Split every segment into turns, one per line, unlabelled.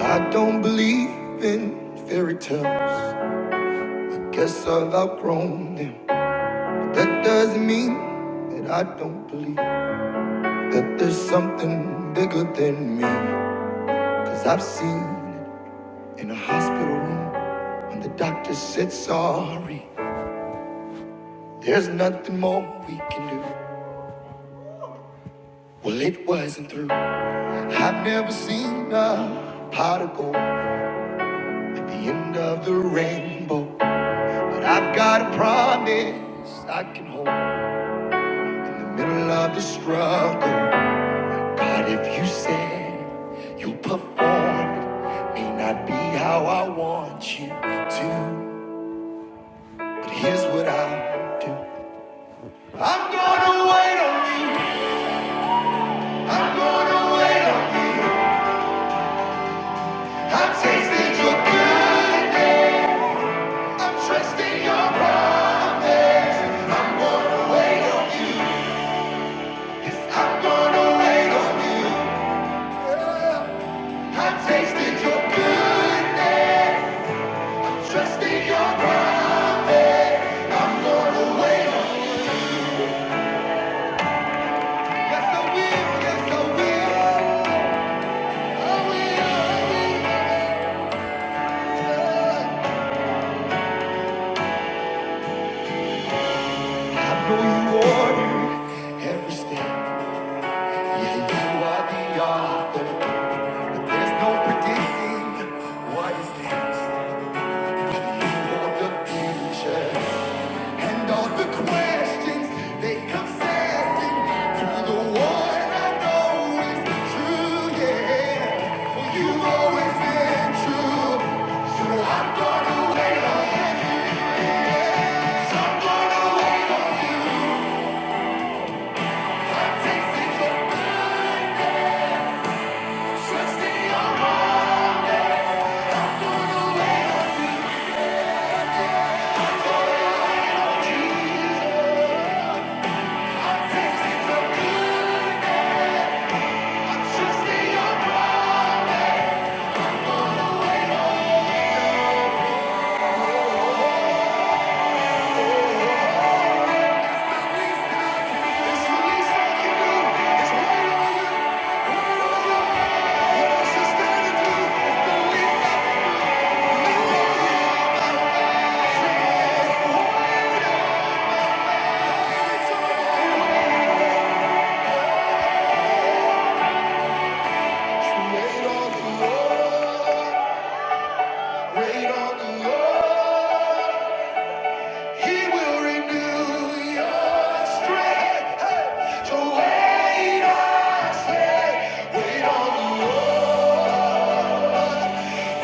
I don't believe in fairy tales. I Guess I've outgrown them. But that doesn't mean that I don't believe that there's something bigger than me. Cause I've seen it in a hospital room when the doctor said sorry. There's nothing more we can do. Well, it wasn't through. I've never seen a pot of gold at the end of the rainbow. But I've got a promise I can hold. In the middle of the struggle. God, if you said you performed, it may not be how I want you to, but here's what I'll do. I'm gonna wait on you. I'm gonna wait on you. i have tasted your goodness. I'm trusting your promise. I'm gonna wait on you. Yes, I'm gonna wait on you. I've tasted your goodness. Trust in your ground, I'm gonna wait on. Yes, I will, yes, I will. I will, I will. I know you order every step. Yeah, you are the author. But there's no predicting what is next. of the future. And all the questions they come sailing through the one I know is true, yeah. For you've always been true. So I'm gonna wait on you. So I'm gonna wait on you. Take it for pictures, stay on promise. Release all you do is wait on you. What else is there to do? If the leaves are blue, you know you. Wait on the Lord. Wait on the Lord. He will renew your strength. Hey, So wait on, say, wait on the Lord.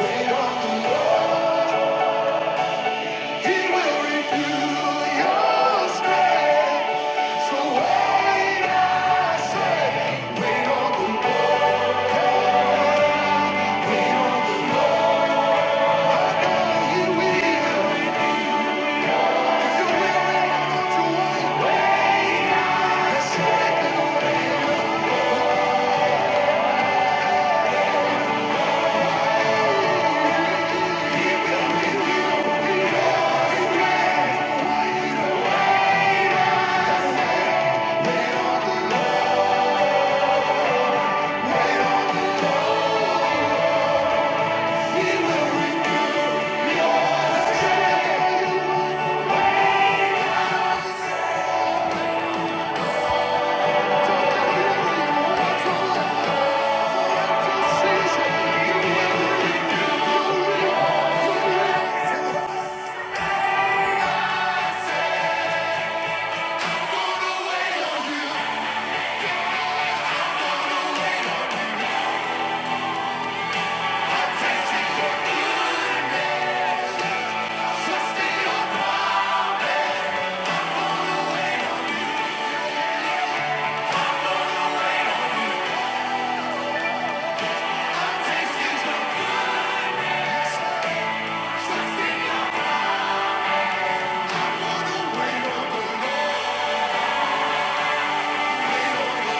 Wait on the Lord. He will renew your strength. So wait on the Lord. Wait on the Lord. Trust me, I wanna wait on the Lord.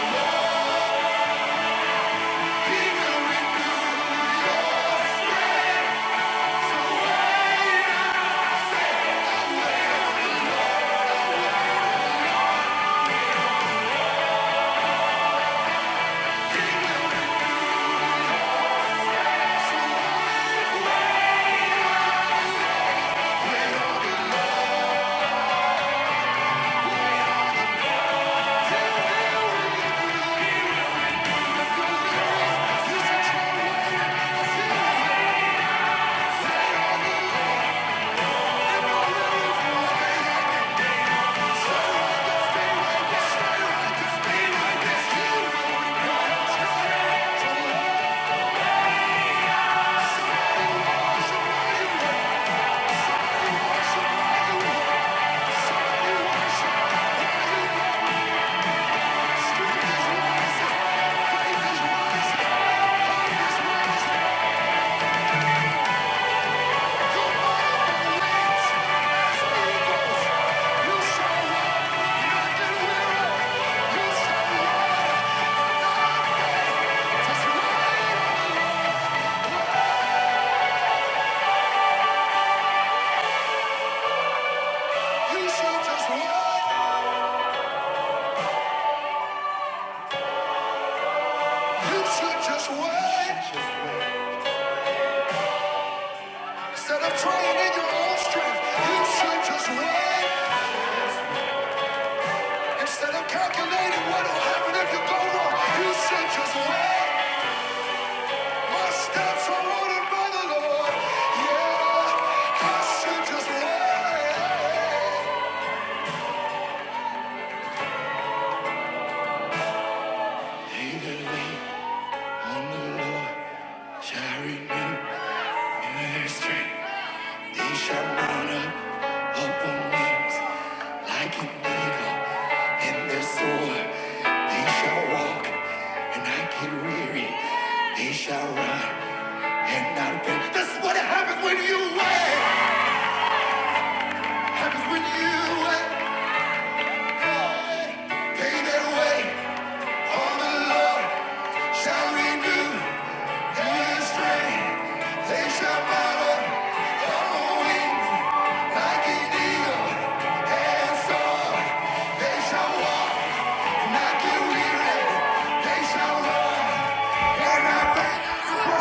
Just wait. Instead of trying in your own strength, you should just wait. Instead of calculating what will happen if you go wrong, you should just wait. My steps are ordered by the Lord. Yeah, I should just wait. Lord, Shall I renew your strength? He shall mount up upon wings like an eagle and they soar. They shall walk and not get weary. They shall run and not faint. That's what happens when you wait. Happens when you wait. Pay their way on the Lord. Shall renew your strength. They shall mount up on wings like an eagle and They shall walk and not get weary. They shall run and not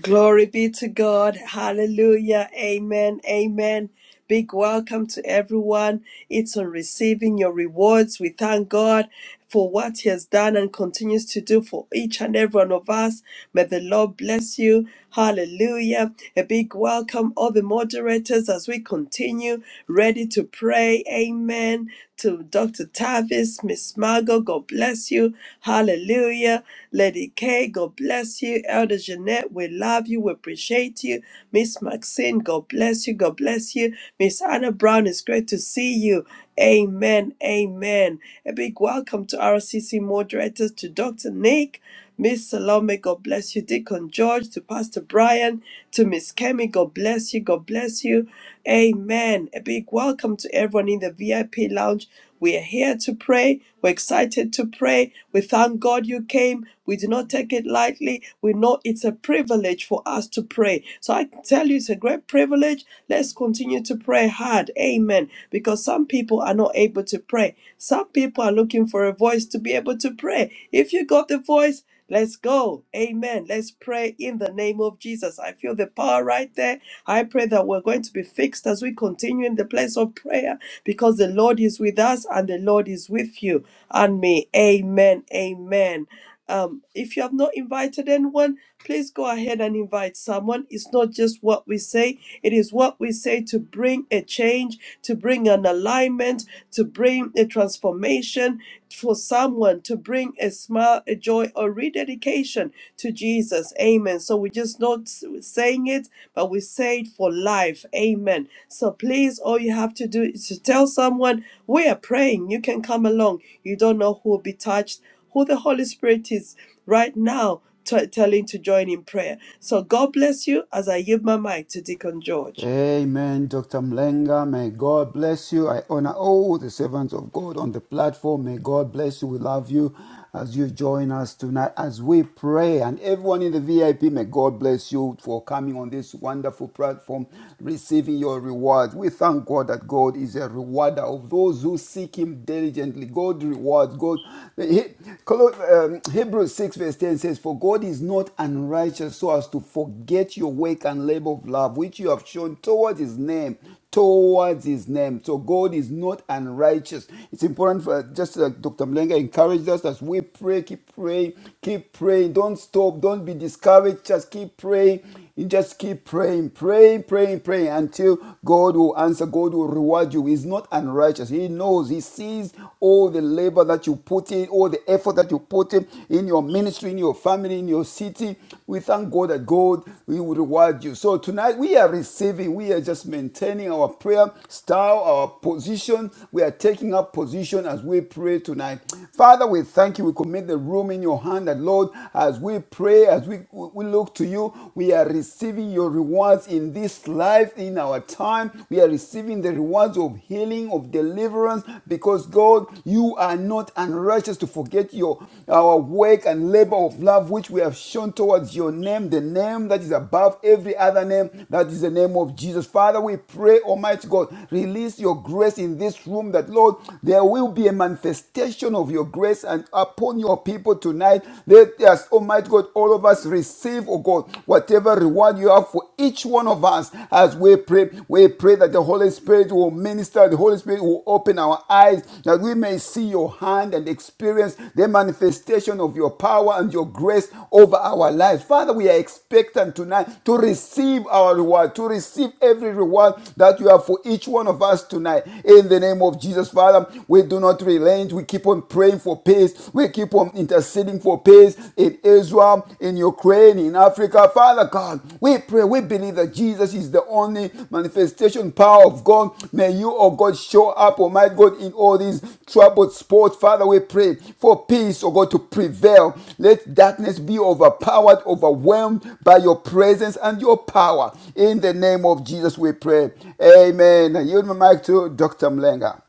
Glory be to God. Hallelujah. Amen. Amen. Big welcome to everyone. It's on receiving your rewards. We thank God for what He has done and continues to do for each and every one of us. May the Lord bless you. Hallelujah. A big welcome, all the moderators, as we continue, ready to pray. Amen. To Dr. Tavis, Miss Margot, God bless you. Hallelujah. Lady K, God bless you you. Elder Jeanette, we love you. We appreciate you. Miss Maxine, God bless you. God bless you. Miss Anna Brown, it's great to see you. Amen. Amen. A big welcome to RCC moderators, to Dr. Nick, Miss Salome, God bless you. Deacon George, to Pastor Brian, to Miss Kemi, God bless you. God bless you. Amen. A big welcome to everyone in the VIP lounge. We are here to pray. We're excited to pray. We thank God you came. We do not take it lightly. We know it's a privilege for us to pray. So I tell you, it's a great privilege. Let's continue to pray hard. Amen. Because some people are not able to pray. Some people are looking for a voice to be able to pray. If you got the voice, Let's go. Amen. Let's pray in the name of Jesus. I feel the power right there. I pray that we're going to be fixed as we continue in the place of prayer because the Lord is with us and the Lord is with you and me. Amen. Amen. Um, if you have not invited anyone, please go ahead and invite someone. It's not just what we say, it is what we say to bring a change, to bring an alignment, to bring a transformation for someone, to bring a smile, a joy, or rededication to Jesus. Amen. So we're just not s- saying it, but we say it for life. Amen. So please, all you have to do is to tell someone, we are praying. You can come along. You don't know who will be touched who the Holy Spirit is right now t- telling to join in prayer. So God bless you as I give my mic to Deacon George.
Amen, Dr. Mlenga. May God bless you. I honor all the servants of God on the platform. May God bless you. We love you as you join us tonight as we pray. And everyone in the VIP, may God bless you for coming on this wonderful platform, receiving your reward. We thank God that God is a rewarder of those who seek Him diligently. God rewards. God. um, Hebrews 6, verse 10 says, For God is not not unrighteous, so as to forget your work and labor of love, which you have shown towards his name, towards his name. So God is not unrighteous. It's important for just like Dr. Mlenga encouraged us as we pray, keep praying, keep praying. Don't stop, don't be discouraged, just keep praying. You just keep praying, praying, praying, praying until God will answer, God will reward you. He's not unrighteous. He knows, He sees all the labor that you put in, all the effort that you put in, in your ministry, in your family, in your city. We thank God that God will reward you. So tonight we are receiving, we are just maintaining our prayer style, our position. We are taking up position as we pray tonight. Father, we thank you. We commit the room in your hand that, Lord, as we pray, pray, as we, we look to you, we are receiving your rewards in this life, in our time. We are receiving the rewards of healing, of deliverance, because God, you are not unrighteous to forget your our work and labor of love which we have shown towards your name, the name that is above every other name, that is the name of Jesus. Father, we pray, Almighty God, release your grace in this room that, Lord, there will be a manifestation of your grace and upon your people people tonight. Let us, Almighty God, all of us receive, oh God, whatever reward you have for each one of us as we pray. We pray that the Holy Spirit will minister, the Holy Spirit will open our eyes, that we may see your hand and experience the manifestation of your power and your grace over our lives. Father, we are expectant tonight to receive our reward, to receive every reward that you have for each one of us tonight. In the name of Jesus, Father, we do not relent. We keep keep on praying for peace. We keep on interceding for peace in Israel, in Ukraine, in Africa. Father God, we pray, we believe that Jesus is the only manifestation power of God. May you, oh God, show up, Almighty God, in all these troubled spots. Father, we pray for peace, oh God, to prevail. Let darkness be overpowered, overwhelmed by your presence and your power. In the name of Jesus, we pray. Amen. I yield my mic to Dr. Mlenga.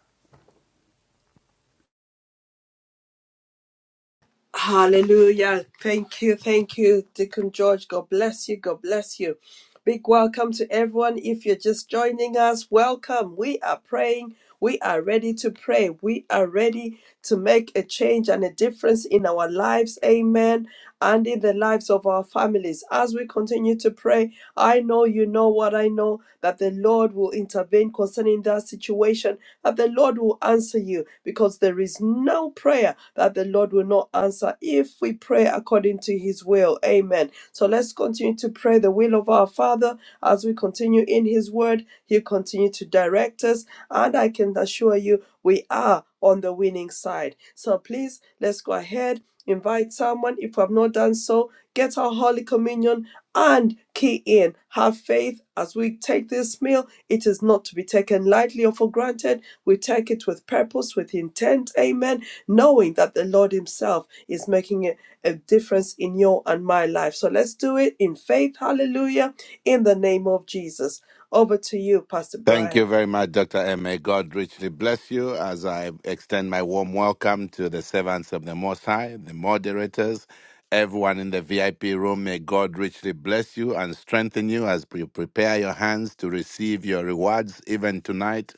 Hallelujah. Thank you. Thank you, Deacon George. God bless you. God bless you. Big welcome to everyone. If you're just joining us, welcome. We are praying. We are ready to pray. We are ready to make a change and a difference in our lives. Amen. And in the lives of our families. As we continue to pray, I know you know what I know that the Lord will intervene concerning that situation that the Lord will answer you because there is no prayer that the Lord will not answer if we pray according to his will. Amen. So let's continue to pray the will of our Father as we continue in his word. He'll continue to direct us, and I can assure you we are on the winning side. So please let's go ahead. Invite someone if you have not done so. Get our Holy Communion and key in have faith as we take this meal it is not to be taken lightly or for granted we take it with purpose with intent amen knowing that the lord himself is making a, a difference in your and my life so let's do it in faith hallelujah in the name of jesus over to you pastor
Thank
brian
you very much, Dr. M. May God richly bless you as I extend my warm welcome to the servants of the Most High, the moderators, everyone in the VIP room. May God richly bless you and strengthen you as you prepare your hands to receive your rewards even tonight.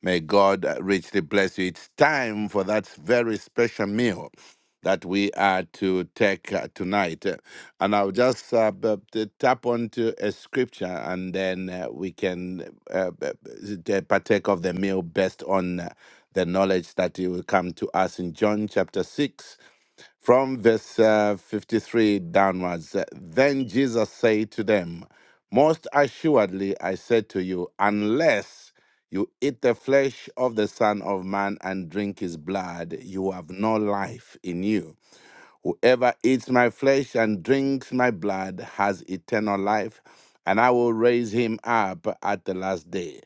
May God richly bless you. It's time for that very special meal that we are to take uh, tonight. And I'll just uh, b- t- tap onto a scripture and then uh, we can uh, b- b- t- partake of the meal based on uh, the knowledge that it will come to us in John chapter 6 from verse uh, 53 downwards. Uh, Then Jesus said to them, Most assuredly I say to you, unless you eat the flesh of the Son of Man and drink his blood, you have no life in you. Whoever eats my flesh and drinks my blood has eternal life, and I will raise him up at the last day.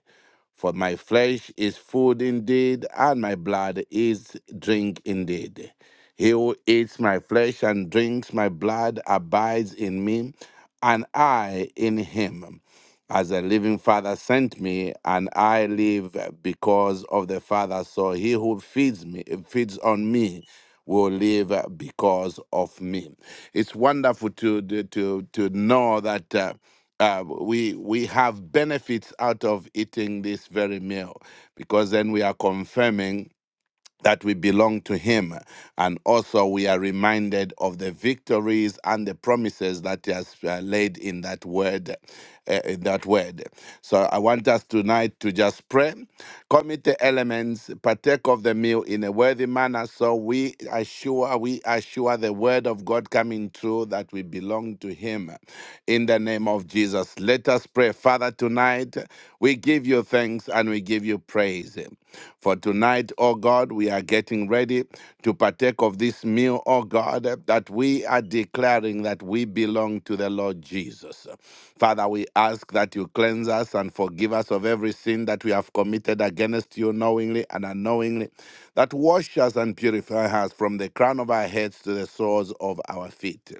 For my flesh is food indeed, and my blood is drink indeed. He who eats my flesh and drinks my blood abides in me, and I in him as a living Father sent me, and I live because of the Father. So he who feeds me, feeds on me, will live because of me. It's wonderful to to to to know that. Uh, uh, we we have benefits out of eating this very meal because then we are confirming that we belong to him and also we are reminded of the victories and the promises that he has uh, laid in that word uh, in that word so i want us tonight to just pray commit the elements partake of the meal in a worthy manner so we assure we assure the word of god coming true that we belong to him in the the name of Jesus. Let us pray. Father, tonight we give you thanks and we give you praise. For tonight, oh God, we are getting ready to partake of this meal, oh God, that we are declaring that we belong to the Lord Jesus. Father, we ask that you cleanse us and forgive us of every sin that we have committed against you knowingly and unknowingly, that wash us and purify us from the crown of our heads to the soles of our feet.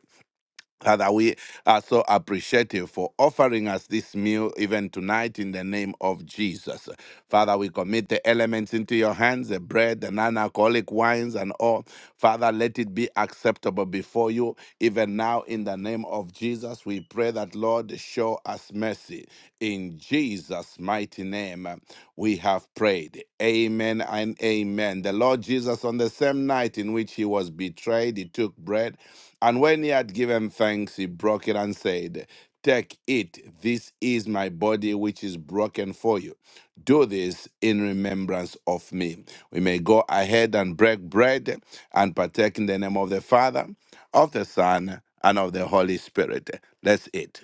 Father, we are so appreciative for offering us this meal even tonight in the name of Jesus. Father, we commit the elements into your hands the bread, the non alcoholic wines, and all. Father, let it be acceptable before you even now in the name of Jesus. We pray that, Lord, show us mercy. In Jesus' mighty name, we have prayed. Amen and amen. The Lord Jesus, on the same night in which he was betrayed, he took bread. And when he had given thanks, he broke it and said, Take it, this is my body which is broken for you. Do this in remembrance of me. We may go ahead and break bread and partake in the name of the Father, of the Son, and of the Holy Spirit. Let's eat.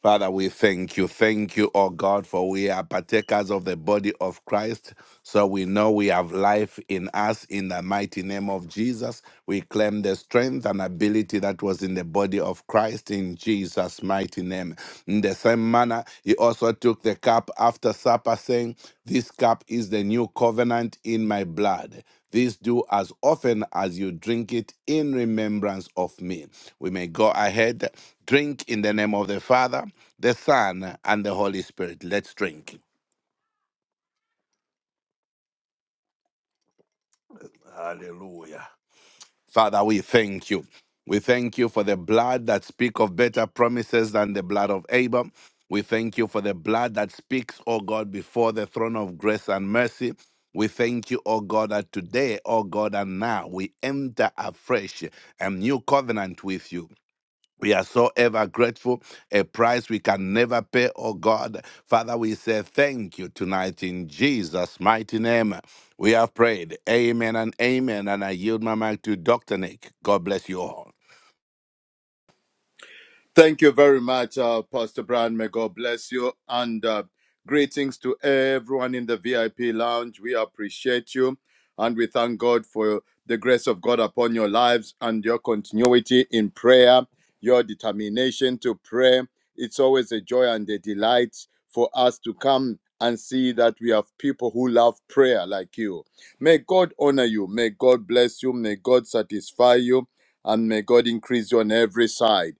Father, we thank you. Thank you, O God, for we are partakers of the body of Christ. So we know we have life in us in the mighty name of Jesus. We claim the strength and ability that was in the body of Christ in Jesus' mighty name. In the same manner, he also took the cup after supper, saying, this cup is the new covenant in my blood. This do as often as you drink it in remembrance of me. We may go ahead, drink in the name of the Father, the Son, and the Holy Spirit. Let's drink. Hallelujah. Father, we thank you. We thank you for the blood that speaks of better promises than the blood of Abel. We thank you for the blood that speaks, O God, before the throne of grace and mercy. We thank you, O God, that today, O God, and now we enter afresh a new covenant with you. We are so ever grateful, a price we can never pay, oh God. Father, we say thank you tonight in Jesus' mighty name. We have prayed. Amen and amen. And I yield my mic to Dr. Nick. God bless you all.
Thank you very much, uh, Pastor Brian. May God bless you. And uh, greetings to everyone in the VIP lounge. We appreciate you. And we thank God for the grace of God upon your lives and your continuity in prayer, your determination to pray. It's always a joy and a delight for us to come and see that we have people who love prayer like you. May God honor you. May God bless you. May God satisfy you. And may God increase you on every side.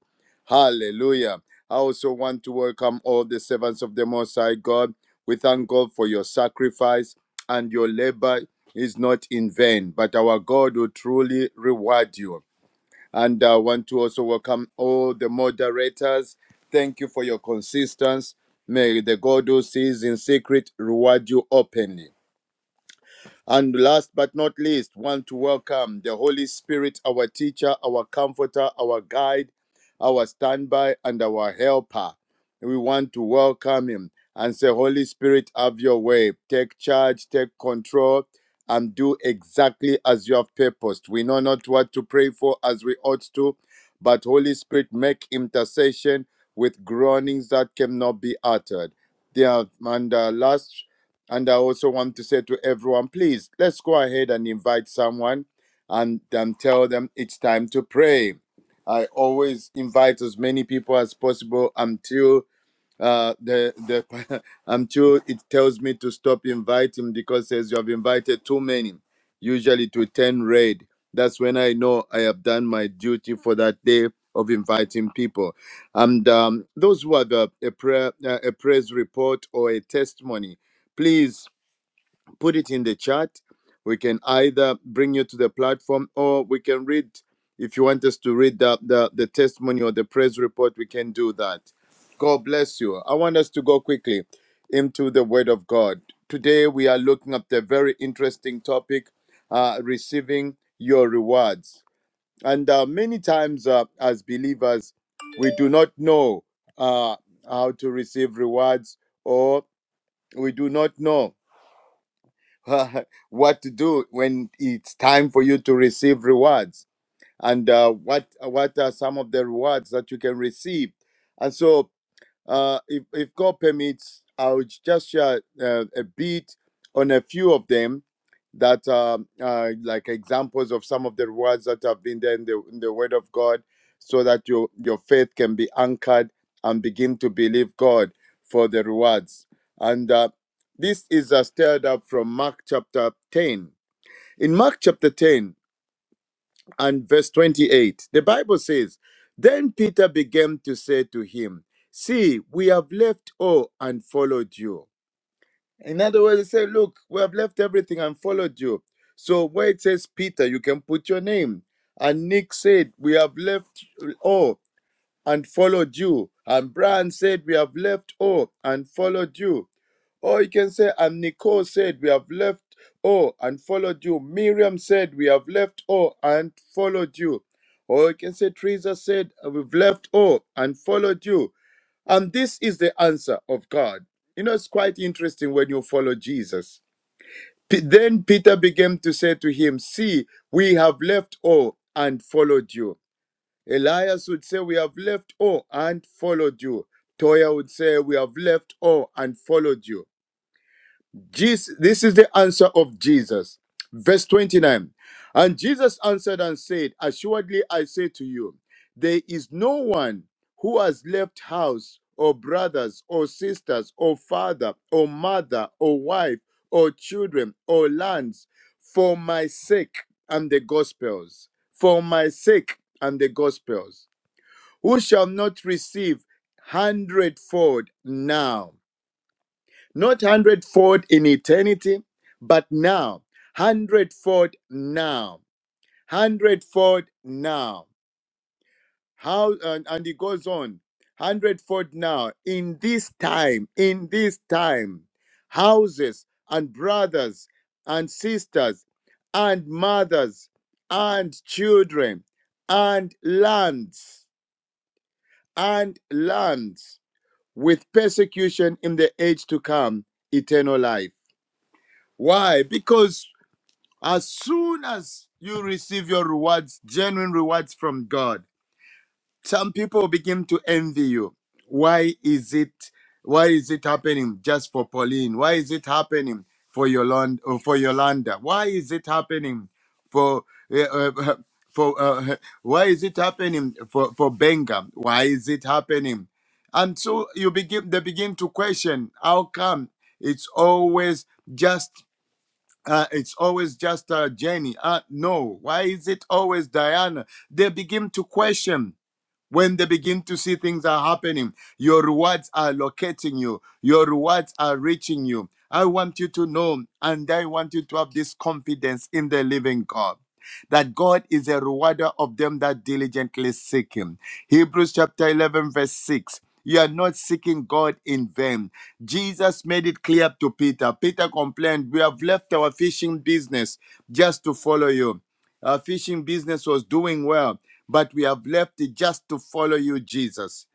Hallelujah. I also want to welcome all the servants of the Most High God. We thank God for your sacrifice and your labor is not in vain, but our God will truly reward you. And I want to also welcome all the moderators. Thank you for your consistency. May the God who sees in secret reward you openly. And last but not least, want to welcome the Holy Spirit, our teacher, our comforter, our guide, our standby, and our helper. We want to welcome him and say, Holy Spirit, have your way. Take charge, take control, and do exactly as you have purposed. We know not what to pray for as we ought to, but Holy Spirit, make intercession with groanings that cannot be uttered. There, and uh, last and I also want to say to everyone, please, let's go ahead and invite someone and, and tell them it's time to pray. I always invite as many people as possible until uh the the i'm sure it tells me to stop inviting because says you have invited too many usually to 10 red that's when i know i have done my duty for that day of inviting people and um, those who have a, a prayer uh, a praise report or a testimony please put it in the chat. We can either bring you to the platform or we can read. If you want us to read the, the, the testimony or the praise report, we can do that. God bless you. I want us to go quickly into the Word of God. Today, we are looking at the very interesting topic uh, receiving your rewards. And uh, many times, uh, as believers, we do not know uh, how to receive rewards or we do not know what to do when it's time for you to receive rewards and uh, what what are some of the rewards that you can receive and so uh, if, if God permits, I'll just share uh, a bit on a few of them that um, are uh, like examples of some of the words that have been there in the, in the Word of God so that your, your faith can be anchored and begin to believe God for the rewards. And uh, this is uh, stirred up from Mark chapter 10. In Mark chapter 10, and verse 28. The Bible says, Then Peter began to say to him, 'See, we have left all and followed you. In other words, he said, Look, we have left everything and followed you. So where it says Peter, you can put your name. And Nick said, We have left all and followed you. And Brian said, We have left all and followed you. Or you can say, and Nicole said, We have left all and followed you. Miriam said, We have left all and followed you. Or you can say, Teresa said, "Uh, We've left all and followed you. And this is the answer of God. You know, it's quite interesting when you follow Jesus. P- then Peter began to say to him, See, we have left all and followed you. Elias would say, We have left all and followed you. Toya would say, We have left all and followed you. Jesus, this is the answer of Jesus. Verse 29. And Jesus answered and said, Assuredly I say to you, there is no one who has left house or brothers or sisters or father or mother or wife or children or lands for my sake and the gospels. For my sake and the gospels. Who shall not receive hundredfold now? not hundredfold in eternity, but now, hundredfold now, hundredfold now. How and, and it goes on, hundredfold now in this time, in this time, houses and brothers and sisters and mothers and children and lands and lands with persecution in the age to come, eternal life Why? Because as soon as you receive your rewards, genuine rewards from God, some people begin to envy you. Why is it? Why is it happening just for Pauline? Why is it happening for Yolanda? Or for Yolanda? Why is it happening for uh, uh, for? Uh, why is it happening for for Benga? Why is it happening? And so you begin. They begin to question. How come it's always just? Uh, it's always just uh, Jenny. Uh, no, why is it always Diana? They begin to question. When they begin to see things are happening, your rewards are locating you, your rewards are reaching you. I want you to know, and I want you to have this confidence in the living God. That God is a rewarder of them that diligently seek Him. Hebrews chapter 11, verse 6. You are not seeking God in vain. Jesus made it clear to Peter. Peter complained, We have left our fishing business just to follow you. Our fishing business was doing well, but we have left it just to follow you, Jesus.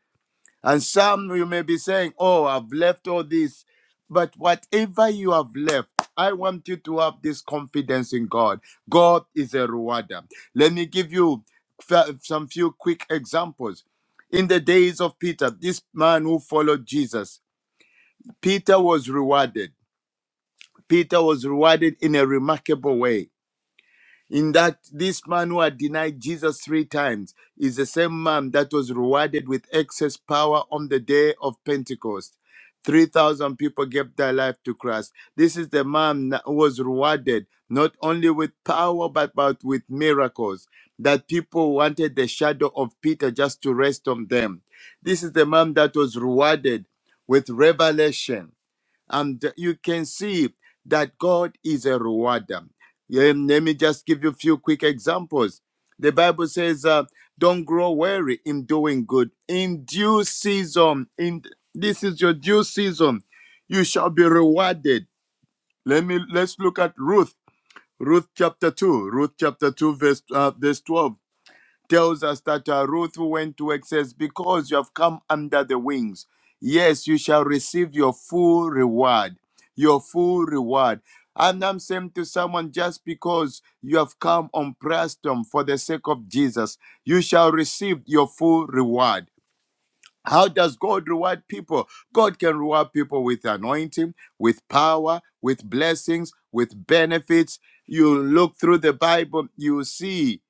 And some you may be saying, Oh, I've left all this. But whatever you have left, I want you to have this confidence in God. God is a rewarder. Let me give you f- some few quick examples. In the days of Peter, this man who followed Jesus, Peter was rewarded. Peter was rewarded in a remarkable way in that this man who had denied Jesus three times is the same man that was rewarded with excess power on the day of Pentecost. 3,000 people gave their life to Christ. This is the man that was rewarded not only with power but, but with miracles. That people wanted the shadow of Peter just to rest on them. This is the man that was rewarded with revelation and you can see that God is a rewarder. Um, Let me just give you a few quick examples. The Bible says, uh, "Don't grow weary in doing good. In due season, in this is your due season, you shall be rewarded." Let me let's look at Ruth, Ruth chapter two, Ruth chapter two, verse uh, verse twelve tells us that uh, Ruth went to work says, Because you have come under the wings, yes, you shall receive your full reward. Your full reward. And I'm saying to someone, just because you have come on prayer storm for the sake of Jesus, you shall receive your full reward. How does God reward people? God can reward people with anointing, with power, with blessings, with benefits. You look through the Bible, you see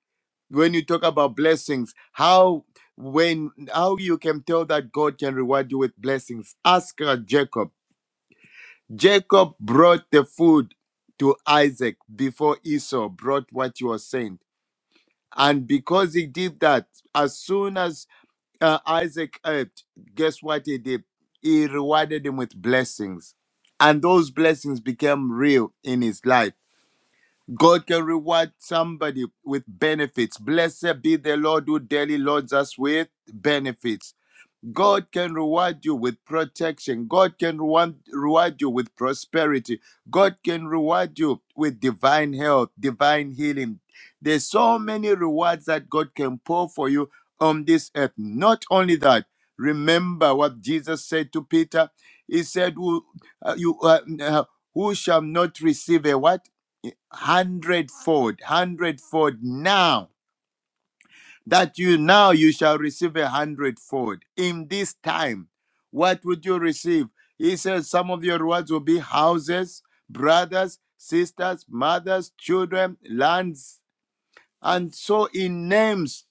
when you talk about blessings how when how you can tell that god can reward you with blessings ask uh, jacob jacob brought the food to isaac before esau brought what you were saying and because he did that as soon as uh, Isaac helped, guess what he did? He rewarded him with blessings. And those blessings became real in his life God can reward somebody with benefits. Blessed be the Lord who daily loads us with benefits. God can reward you with protection. God can reward, reward you with prosperity. God can reward you with divine health, divine healing. There's so many rewards that God can pour for you on this earth. Not only that, remember what Jesus said to Peter. He said, "Who, uh, you, uh, uh, who shall not receive a what? Hundredfold, hundredfold now that you now you shall receive a hundredfold in this time what would you receive he says some of your rewards will be houses brothers sisters mothers children lands and so he names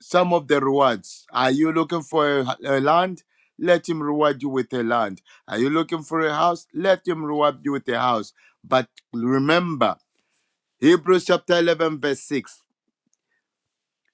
some of the rewards are you looking for a, a land let him reward you with a land are you looking for a house let him reward you with a house but remember hebrews chapter 11 verse 6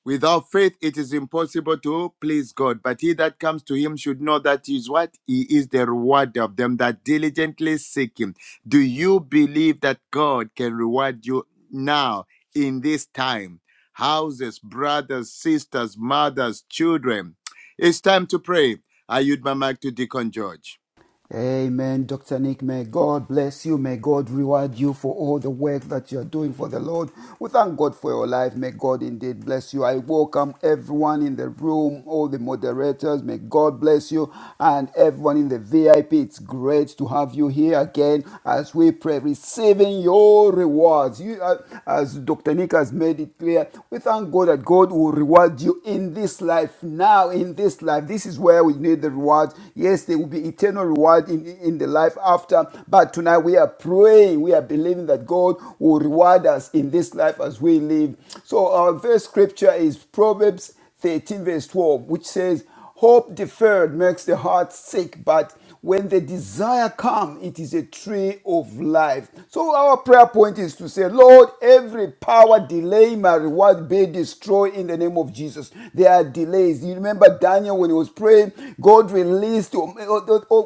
Without faith, it is impossible to please God. But he that comes to him should know that he is what? He is the rewarder of them that diligently seek him. Do you believe that God can reward you now in this time? Houses, brothers, sisters, mothers, children. It's time to pray. I yield my mic to Deacon George.
Amen. Dr. Nick, may God bless you. May God reward you for all the work that you are doing for the Lord. We thank God for your life. May God indeed bless you. I welcome everyone in the room, all the moderators. May God bless you and everyone in the VIP. It's great to have you here again as we pray, receiving your rewards. You, uh, as Dr. Nick has made it clear, we thank God that God will reward you in this life now, in this life. This is where we need the rewards. Yes, they will be eternal eternal reward in, in the life after. But tonight we are praying, we are believing that God will reward us in this life as we live. So our first scripture is Proverbs 13, verse 12, which says, Hope deferred makes the heart sick, but when the desire comes, it is a tree of life. So our prayer point is to say, Lord, every power delay my reward be destroyed in the name of Jesus. There are delays. You remember Daniel when he was praying, God released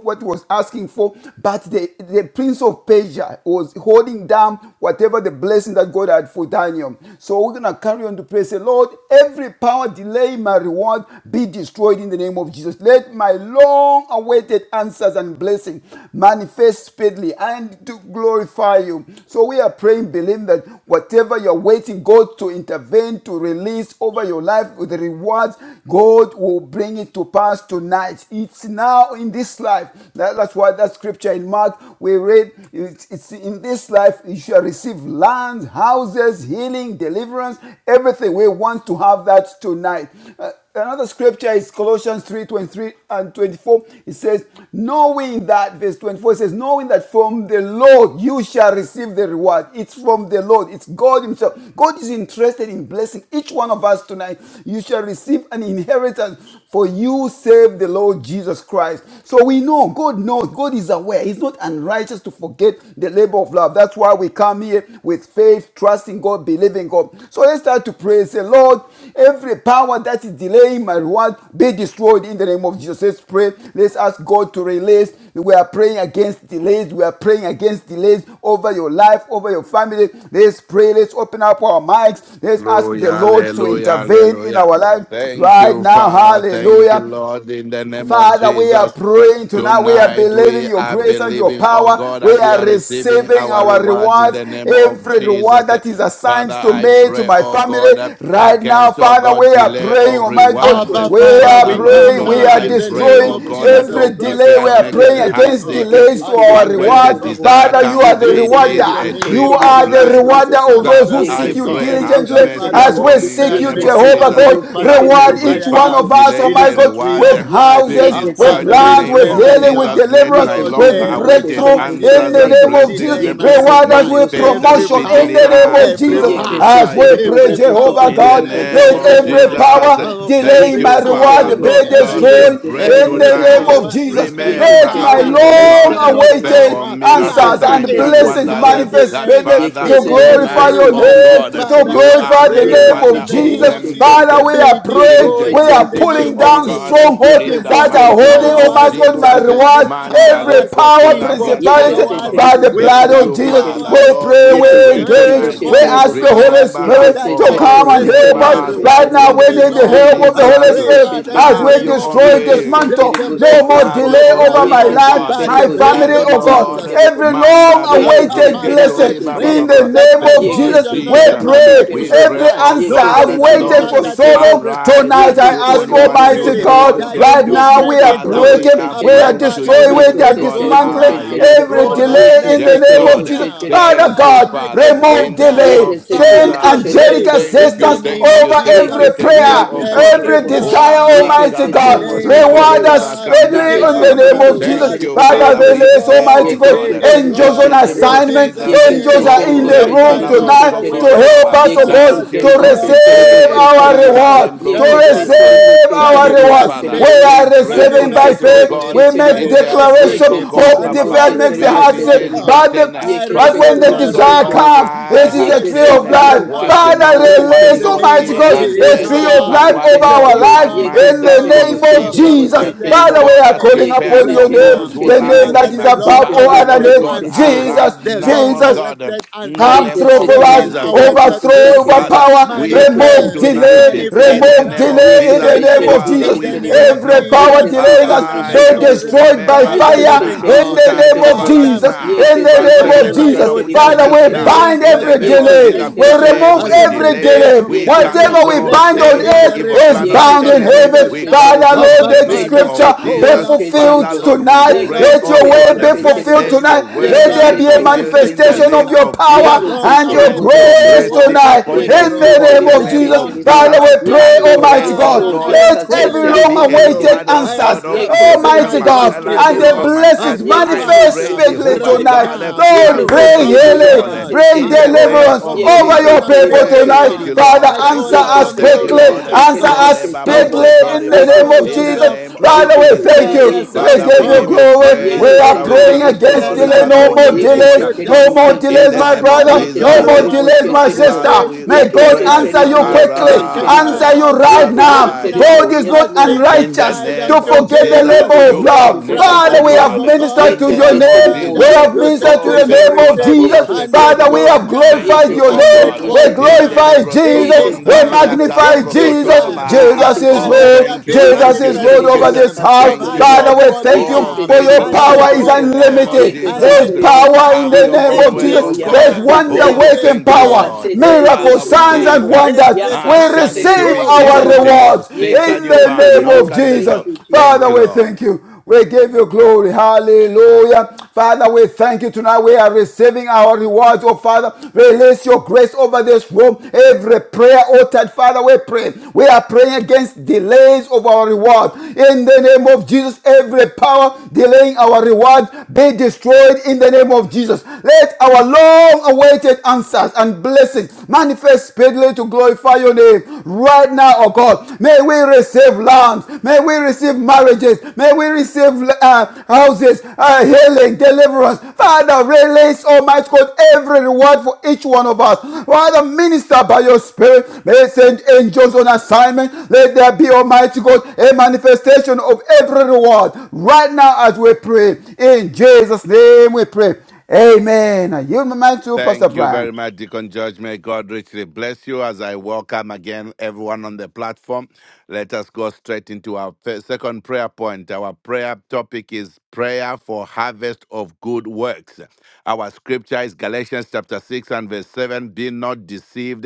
what he was asking for, but the, the prince of Persia was holding down whatever the blessing that God had for Daniel. So we're gonna carry on to pray. Say, Lord, every power delay my eternal reward be destroyed in the name of Jesus. Let my long awaited answers and blessing manifest speedily and to glorify you. So we are praying, believing that whatever you're waiting God to intervene, to release over your life with the rewards, God will bring it to pass tonight. It's now in this life. That- that's why that scripture in Mark we read, it's, it's in this life you shall receive land, houses houses, healing, deliverance, everything. We want to have that tonight. Uh, another scripture is Colossians 3 23 and 24. It says, Knowing that, verse 24 says, Knowing that from the Lord you shall receive the reward. It's from the Lord, it's God Himself. God is interested in blessing each one of us tonight. You shall receive an inheritance, for you save the Lord Jesus Christ. So we know, God knows, God is aware. He's not an and righteous to forget the labor of love. That's why we come here with faith, trusting God, believing God. So let's start to pray. Say, Lord, every power that is delaying my reward be destroyed in the name of Jesus. Let's pray. Let's ask God to release. We are praying against delays. We are praying against delays over your life, over your family. Let's pray. Let's open up our mics. Let's ask
Hallelujah,
the Lord to
hallelujah,
intervene in
hallelujah.
our life
Thank
right
you,
now.
Father. Thank you,
Hallelujah.
Lord, in the name of
Father, we are
Jesus.
praying tonight. We are
Tonight
believing
we
your
are
grace and your
believing, oh
power.
God,
We
that we
are
are receiving
receiving
our
our
rewards in
rewards.
the name of
Every
Jesus.
reward that is
Father,
assigned to
I
me, to
pray,
my
oh
family,
God, uh,
right now,
against, oh
Father, we
God,
are
delay
praying,
of
Almighty
Yekese
rewards.
God.
Abba,
We
terebo she
Father,
are
Father,
we
terebo
Lord
come
she
praying.
God,
We
now
are
I
terebo
in the
she
pray,
name
destroying
oh
terebo
of
God,
she
that
Jesus
every
hope
terebo.
Christ, the
delay. We
deferred
Son
are
of the
maketh
praying
the
Yekese
living
heart
against
God.
sick.
terebo she
delays to
And we
terebo
our
But
she
pray,
when the
Abba,
rewards.
terebo.
desire
Father,
Father,
you are
cometh,
the
we
it
Yekese
pray in
is
the
a
terebo
rewarder.
she
name
You
tree
of
of
are
terebo she
Jesus
the
life.
Christ, the
rewarder
terebo.
of
Son of
those
the
Father,
who
I
seek
living
you
Yekese
pray,
God.
terebo
have
diligently.
The
she
mercy
Father,
terebo.
As
hope
we
upon me in the
seek
deferred
you,
name
makes
of
Yekese
the
Jehovah
heart
Jesus.
terebo
sick,
God,
she
but
That
when
terebo
reward
she
every
each
desire
one
power
terebo.
of
comes,
us us, oh
delaying
it
my
my
is a
God,
tree
rewards
with
of
um,
life.
be
houses,
And
Yeke se
with
destroyed in
Father,
the
we
land,
terrible,
name
with
she
pray
of
right
healing,
terrible.
with
now,
Jesus. Let
deliverance,
my
Yeke
Lord,
she
with
long
terrible,
every
she
awaited
breakthrough
power
terrible, she
in
answers
the
delaying
and
name
terrible.
of Jesus.
blessings
delaying
um,
Yeke
my
se
Reward us
terrible,
rewards.
with
she
manifest
Every
promotion
terrible, she
in
power,
speedily
the name
terrible.
of
and
every
Jesus.
Yeke se
As
power,
glorify
we
you.
terrible,
pray,
bo
every
bo bo
power
bo
Jehovah
In
bo
the
God,
bo bo
delaying
bo
name
let
my
bo bo
of
bo
every
she
rewards.
Jesus,
terrible.
power
Of
delay
thank
every
Yeke
my
you,
se
power
reward
Father.
in
be
terrible,
the
Lord God, we
yeke
heavenlies,
destroyed
se
pray
in
terrible,
every
the
she
name
tonight.
of
terrible.
power,
Jesus.
internal
Yeke
Let
Remember
she
my
us,
power,
terrible,
oh
yeke
long
God, and
she
external
terrible.
awaited
power,
perform miracle
Yeke
answers
Father,
se
and
signs and
terrible,
every
blessings
she
wonders.
power
eh,
terrible.
manifest
That
delaying,
speedily
Father,
Yeke
to
se
delaying my
terrible,
glorify
tonight,
she
your
oh
rewards.
terrible,
God,
name,
she
eh,
to
Father,
you
terrible.
I
are
glorify the
the
pray
Yeke
name
right now
se
of
rewarder
in the
of
terrible,
name of
Jesus.
she
them
Jesus,
that
Father,
eh,
terrible.
Father, we
dil-
are
be
Yeke
praying,
se
destroyed
we
diligently
are
in
terrible,
the
seek
she
you,
pulling
name
oh
of
down
terrible.
God, eh,
Jesus.
strongholds
in
Yeke
the
se
that are
Demonic
mighty
terrible, bo
name
holding, oh
bo
of
my
bo
powers,
bo
God,
bo
my
bo
Jesus. eh,
bo.
satanic
reward,
Manda
every
powers,
reko
power,
sela
evil
Yeke
principality,
braskedo
se
powers
bababa.
by the
terrible, she
blood
Thank
terrible,
witchcraft
of
you,
she
Jesus.
Father.
We
terrible.
powers,
Lord,
pray,
we
we
yes,
Yeke
pray
she
engage,
terrible,
every
tonight.
she
we
form of
ask
terrible.
the Holy
powers
Remember
Yeke
us,
Spirit
that
se
oh
to
are
God,
come
terrible,
and
she
resisting
remember
help
my
us.
terrible,
us
she
Right
rewards
now,
in
terrible.
from
we
the
the
need
name
the
of
Lord.
help
Yeke
of the
I
se
Holy
Jesus.
pray,
terrible, she
Spirit
Father, in
as
the
we
terrible.
Have
name
your
of
own
destroy,
Yeke
Jesus,
se
way.
let
dismantle.
them
terrible,
be
she
No more
Have
terrible.
your
destroyed
delay
own
right
over
way,
my
oh
now
Yeke se
life,
by
God.
the
my
terrible, she
blood
Yes,
family,
of
oh
terrible, she
Lord.
God.
Jesus
terrible.
Every long
Ye
Mandale,
Abba,
Yekese
awaited
Father,
terebo
I
blessing
brusketori,
she
ba, ba,
in
ba,
pray
the
terebo.
ba.
that
name
my
of
Thank
God,
you,
Jesus,
you are
Yekese
not
we
a
terebo
Jesus.
man
she
that you
We
terebo.
pray.
should
Every
pray,
the
lie,
oh
answer.
nor
God,
the
I've
Yekese
that
Son of
waited
terebo
Lord,
Man
for
she
that
so
you
terebo.
should
long.
repent.
arise
Tonight
and
Have
do
I
Yekese
you
ask
only
not
terebo
what you,
said
Almighty
she
the
it?
Lord,
terebo.
Shall
God,
you
can
right
do.
not
now we
make
Yekese
are
it
Father,
terebo
good?
we
she
are
breaking, we
Abba,
are
terebo.
praying to
Father,
you,
destroying,
the
make
we
living
are
it
Yekese
God.
good
terebo
dismantling
she
Ah,
now.
yes,
terebo.
every
Oh
Lord.
Lord,
delay in
make
Yekese
Yes,
it
the
good
name
terebo
of
Lord.
she
Jesus.
now.
terebo.
Father
Thank you,
Father,
God,
make
Father,
it good
remove
in the name
now.
delay.
Yeke
of
se
Father,
Send
terebo
I
Jesus.
she
angelic
pray
terebo she
Thank
in
you,
the
assistance
terebo.
name
thank
of
you,
over
thank
Jesus,
you,
Yeke
every
se
thank you,
let
prayer,
terebo
oh
she
God.
every
every
terebo.
desire,
Olambra
power
Yeke
Almighty
se
kalabobo
terebo
God.
delaying
she
my
Reward
terebo.
us
sekolembra
rewards,
speedily
Yeke
kamdaria
in
she
delaying
the
bababa.
name
my
terebo
of
she
Thank
Jesus.
rewards,
you,
terebo she
be
Father,
Father. We
terebo.
release,
pray,
destroyed
oh
Almighty
Yeke
be
se
God,
God,
terebo
angels
in
on
destroyed
she
the name
in
of
terebo.
assignment.
Jesus'
Jesus.
Yeke se
Angels
name.
are in
Oh,
terebo
the
she
Let my
room
Hendala
terebo
long
she
Brosco
tonight to
terebo.
awaited
help
Bababa.
us, oh
Yeke se
Thank
God,
answers,
you,
to
terebo
Lord.
she
It
long
terebo
receive
awaited
she
says,
our
terebo.
answers,
reward,
Zakalembro
non
Yeke
to
Kotor
se
Baba.
blessings
terebo
receive
she
our
Thank
terebo
you,
she
manifest
reward.
Father.
We
terebo.
speedily,
We
are
pray
Yeke
receiving by
se
manifest
tonight, oh
terebo
faith.
speedily,
she
We
God,
make
terebo.
in the
manifest
declaration.
Lebrosco
Yeke
speedily,
se
God,
Hope
and
Baba
terebo
Baba.
she
deferred makes the
glorify
terebo
If
heart
she
it
your
sick.
is
terebo.
God.
But the
written, uh,
I
Yeke
but
she
Father,
when
receive
the
Lord
my
terebo
God,
she
desire
no
terebo.
rewards.
comes,
eye
it
I
is
Ye
has
a
can
tree
say
receive
seen
of
uh,
my
life.
terrible, she
what
rewards
Father,
terrible,
no
right
she
now
what
in
release,
the
no
terrible.
name
Almighty
ear
of
God,
Ye
has
can
a
say
tree
heard,
of
terrible,
Jesus.
and
life
she
what
over
no
terrible.
our lives
human
Jehovah,
Ye can
my
mind
in
say
has
the
God,
terrible,
name
she
of
conceived, uh,
Abba,
terrible,
Jesus.
she
the
Father,
things
terrible.
Father,
I
we
God
are
has
pray
calling
Ye can
prepared
upon
say
right
your
for
terrible,
now.
those
name,
who
she
the
love
name
terrible.
Father,
that
Him.
is
the
Uh,
Ye
long
above
can
all
Father,
say
other
awaited
Lord
terrible,
names,
God,
she
answers,
terrible.
Jesus,
arrives
the
now,
long
oh
Jesus.
God, uh,
awaited
in the
Ye
answers,
Come
Yeke
name
through
se
of
the
for us,
terrible,
long
se
Jesus.
terrible,
awaited
bo se
overthrow,
blessings
terrible.
Father,
overpower,
we
Yeke
pray
se
remove
manifest,
terrible,
delay,
tonight eh,
se
in
manifest
terrible.
the
remove
name
now,
of
delay
Yeke
in the
Jesus.
se
name
speedily
of
terrible,
Father,
in
se
Jesus.
we
the name
terrible.
pray,
of
no
Every
God,
power
Jesus,
Yeke se
delaying
that
us
I
terrible,
be
may
se
arise. eh,
terrible.
destroyed by
Remember
glorify the
us
Yeke
fire
se
living
now.
in
terrible,
God.
the
se
Charge
name
over
of
terrible.
us
Father,
Jesus.
now.
In
Yeke se
the name
Frustrate the
of
terrible,
whatever it
se
token
Jesus.
of
will
terrible,
take,
Father,
se
wickedness
we
a
now.
terrible.
bind
In the
every
name
reinforcement
of
Yeke
of
delay.
se
Jesus,
We
terrible,
angels,
remove
yeke
every
as
se
in the
every
terrible.
delay,
days
delay.
of
we
Yeke se
Daniel.
Whatever we
cancel
terrible,
Let
bind
se
there
on
be
every
terrible.
the
earth
evil
is
plan of
Yeke
the
reinforcement
bound
of
in
se
enemy.
terrible,
angels
heaven.
We
se
now.
Father,
terrible.
cancel
Oh,
in
Lord,
the
but
let
name
Yeke
Father,
scripture
se
of
I
be
call
terrible,
Jesus.
se
upon
fulfilled
Father,
terrible.
you.
Lord,
tonight
we
The
tonight.
Yeke
pray,
long
Let
se
oh
your way
terrible,
God, eh,
be
awaited
se
fulfilled
terrible.
let
blessings,
your
tonight.
the
Let
word
Yeke
be
long
there
se
be a
terrible,
fulfilled
se
awaited
in the
manifestation
terrible.
of
name
your
answers,
of Jesus.
power
the
Yeke
long
se
and your
terrible,
Grant
she
awaited
your
grace
terrible.
mercy
rewards
tonight.
of
upon your
Yeke
In
se
the
breakthrough,
people in
name
the
terrible,
of
the
name
she
Jesus,
long
of
terrible.
Father,
Jesus.
we pray,
Yes,
I
awaited.
Lord.
pray,
Almighty
Yes,
oh
God.
Father,
Lord.
I
Lord, eh,
am
Let
Yaka se
let
calling
every
there
long
be
terrible,
a
upon
she
you.
awaited
reward,
terrible.
oh
I
answers,
am
God, of
tr-
Yeke
putting
se
return
Almighty
my
my
terrible,
trust
God,
she
life,
in
and
oh
the
you.
God,
terrible.
my life.
blessings
Abba
Yeke
I
se
manifest
pray,
Father,
terrible,
speedily
she
Jehovah
right
terrible.
tonight.
God, eh,
now,
Lord,
have
Yeke se
bring
Jehovah
mercy,
terrible,
my
Lord,
yaka
healing,
eh,
God,
se
bring
in
I
the
terrible.
call
name
deliverance
upon
of
your
Yeke
over
Jesus.
se
your
covenant
people
terrible,
keeping
she
tonight.
Thank
God.
you,
terrible.
Father,
I
Lord. Thank
call
answer
you,
Yeke
us
Lord.
upon
se
Thank
your
you,
quickly,
terrible,
Lord. Eh,
she
righteous
answer
terrible,
Lord,
God.
eh,
us
she
Baba,
Abba
terrible.
say,
speedily in
Tori,
Father,
the
Yeke
Baba,
name
show
se
of
in the
Jesus.
terrible.
yourself
name of
Father,
strong.
Yeke
we
she
Jesus.
thank
Show
terrible,
you.
yeke
We
yourself
she
Father, we
give you
give
strong
terrible.
you
glory.
on
We
praise.
my
Yeke
are
se
Father, we
praying
behalf.
give
terrible,
you
she
against
Turn
glory.
delay.
my
terrible.
Father, we
No
give
more
mourning
you
Yeke
delays.
se
into
honor.
No
terrible,
more
she
dancing.
In
delays,
the
terrible.
my
name
Father,
of
brother.
let
Yeke
your
No
she
more
Jesus.
terrible,
rewards
delays,
she
my
locate
terrible.
sister.
Father,
me,
we
May
Yeke
locate
God
se
my
pray,
answer
terrible,
you
family,
yaka
quickly.
se
locate
terrible.
my
Answer
arise,
you
household
right
Yeke se
right
now.
arise,
now.
God
terrible.
is
Yes,
As
not
Lord.
Peter
in the
unrighteous
cried
name
to
unto
of
forget the
Jesus,
Jesus,
labor of
Yekese
you
we have
can
love.
terebo
never,
cried
oh
Father, we
unto
sheterebo.
have
you, O
God,
God,
ministered
in
to
the
your
and
Yekese
name of
name.
terebo.
We
Jesus.
Father,
have
you
Yekese
said
ministered to
Oh,
they
the
te
shall
terebo.
name of
kora
receive
bobo
Jesus.
Yekese
setor
Father, we
hundredfold
baba.
terebo.
have
now,
Thank
glorified
you,
your
Yekese
oh
name.
terebo
God.
We
hundredfold
In the
sheterebo.
now,
glorify
lebrosko
in
Jesus.
this
We
Yekese
kondaria
time,
terebo.
kara
magnify
in this
Jesus.
brokotor
Yekese
time.
terebo
baba.
Jesus is
Father,
Oh,
let
sheterebo.
there
Lord.
thank
be
you,
a
Jesus
thank you,
Yekese
is Lord
thank
terebo
you.
over
th-
this
manifestation
yakase
house.
of
Thank you,
terebo.
Father,
Lord.
we
hundredfold
thank you
Oh,
Yekese
now,
for
thank
your
you,
terebo
oh
power is
God,
hundredfold
sheterebo.
in the name
now,
of
unlimited.
Yekese
Jesus.
There's
terebo.
hundredfold
power in
Have
now,
the
your
name
Yekese
own
of
in
way,
terebo
this
oh
Jesus. There's
God.
time,
yakase
wonder
in
Oh,
terebo.
this
working
thank you,
power,
time,
Lord.
Yakase
in
terebo
this
Father,
miracles,
we
signs,
time,
and
sheterebo.
give.
wonders.
in this
We
Ask
Yakase
time,
and it will
terebo
receive
be
our
given to
sheterebo.
oh
you.
rewards
Seek and
in
you
Yekese
the
find.
name
Knock
of
terebo.
on the
Jesus.
door.
Thank you,
Thank
Father,
you,
Jesus.
we thank
Lord.
you. We give you glory. Hallelujah. Father, we thank you tonight. We are receiving our rewards. Oh, Father, release your grace over this room. Every prayer uttered, Father, we pray. We are praying against delays of our reward. In the name of Jesus, every power delaying our reward be destroyed in the name of Jesus. Let our long awaited answers and blessings manifest speedily to glorify your name. Right now, Father, oh God, may we receive lands, may we receive marriages, may we receive uh, houses, uh, healing, deliverance. Father, release, Almighty God, every reward for each one of us. Father, minister by your Spirit, may send angels on assignment. Let there be, Almighty God, a manifestation of every reward right now as we pray. In Jesus' name we pray. Amen. I yield my mind to Pastor
Thank you
Brian.
very much, Deacon George. May God richly bless you as I welcome again everyone on the platform. Let us go straight into our fir- second prayer point. Our prayer topic is prayer for harvest of good works. Our scripture is Galatians chapter 6 and verse 7. Be not deceived.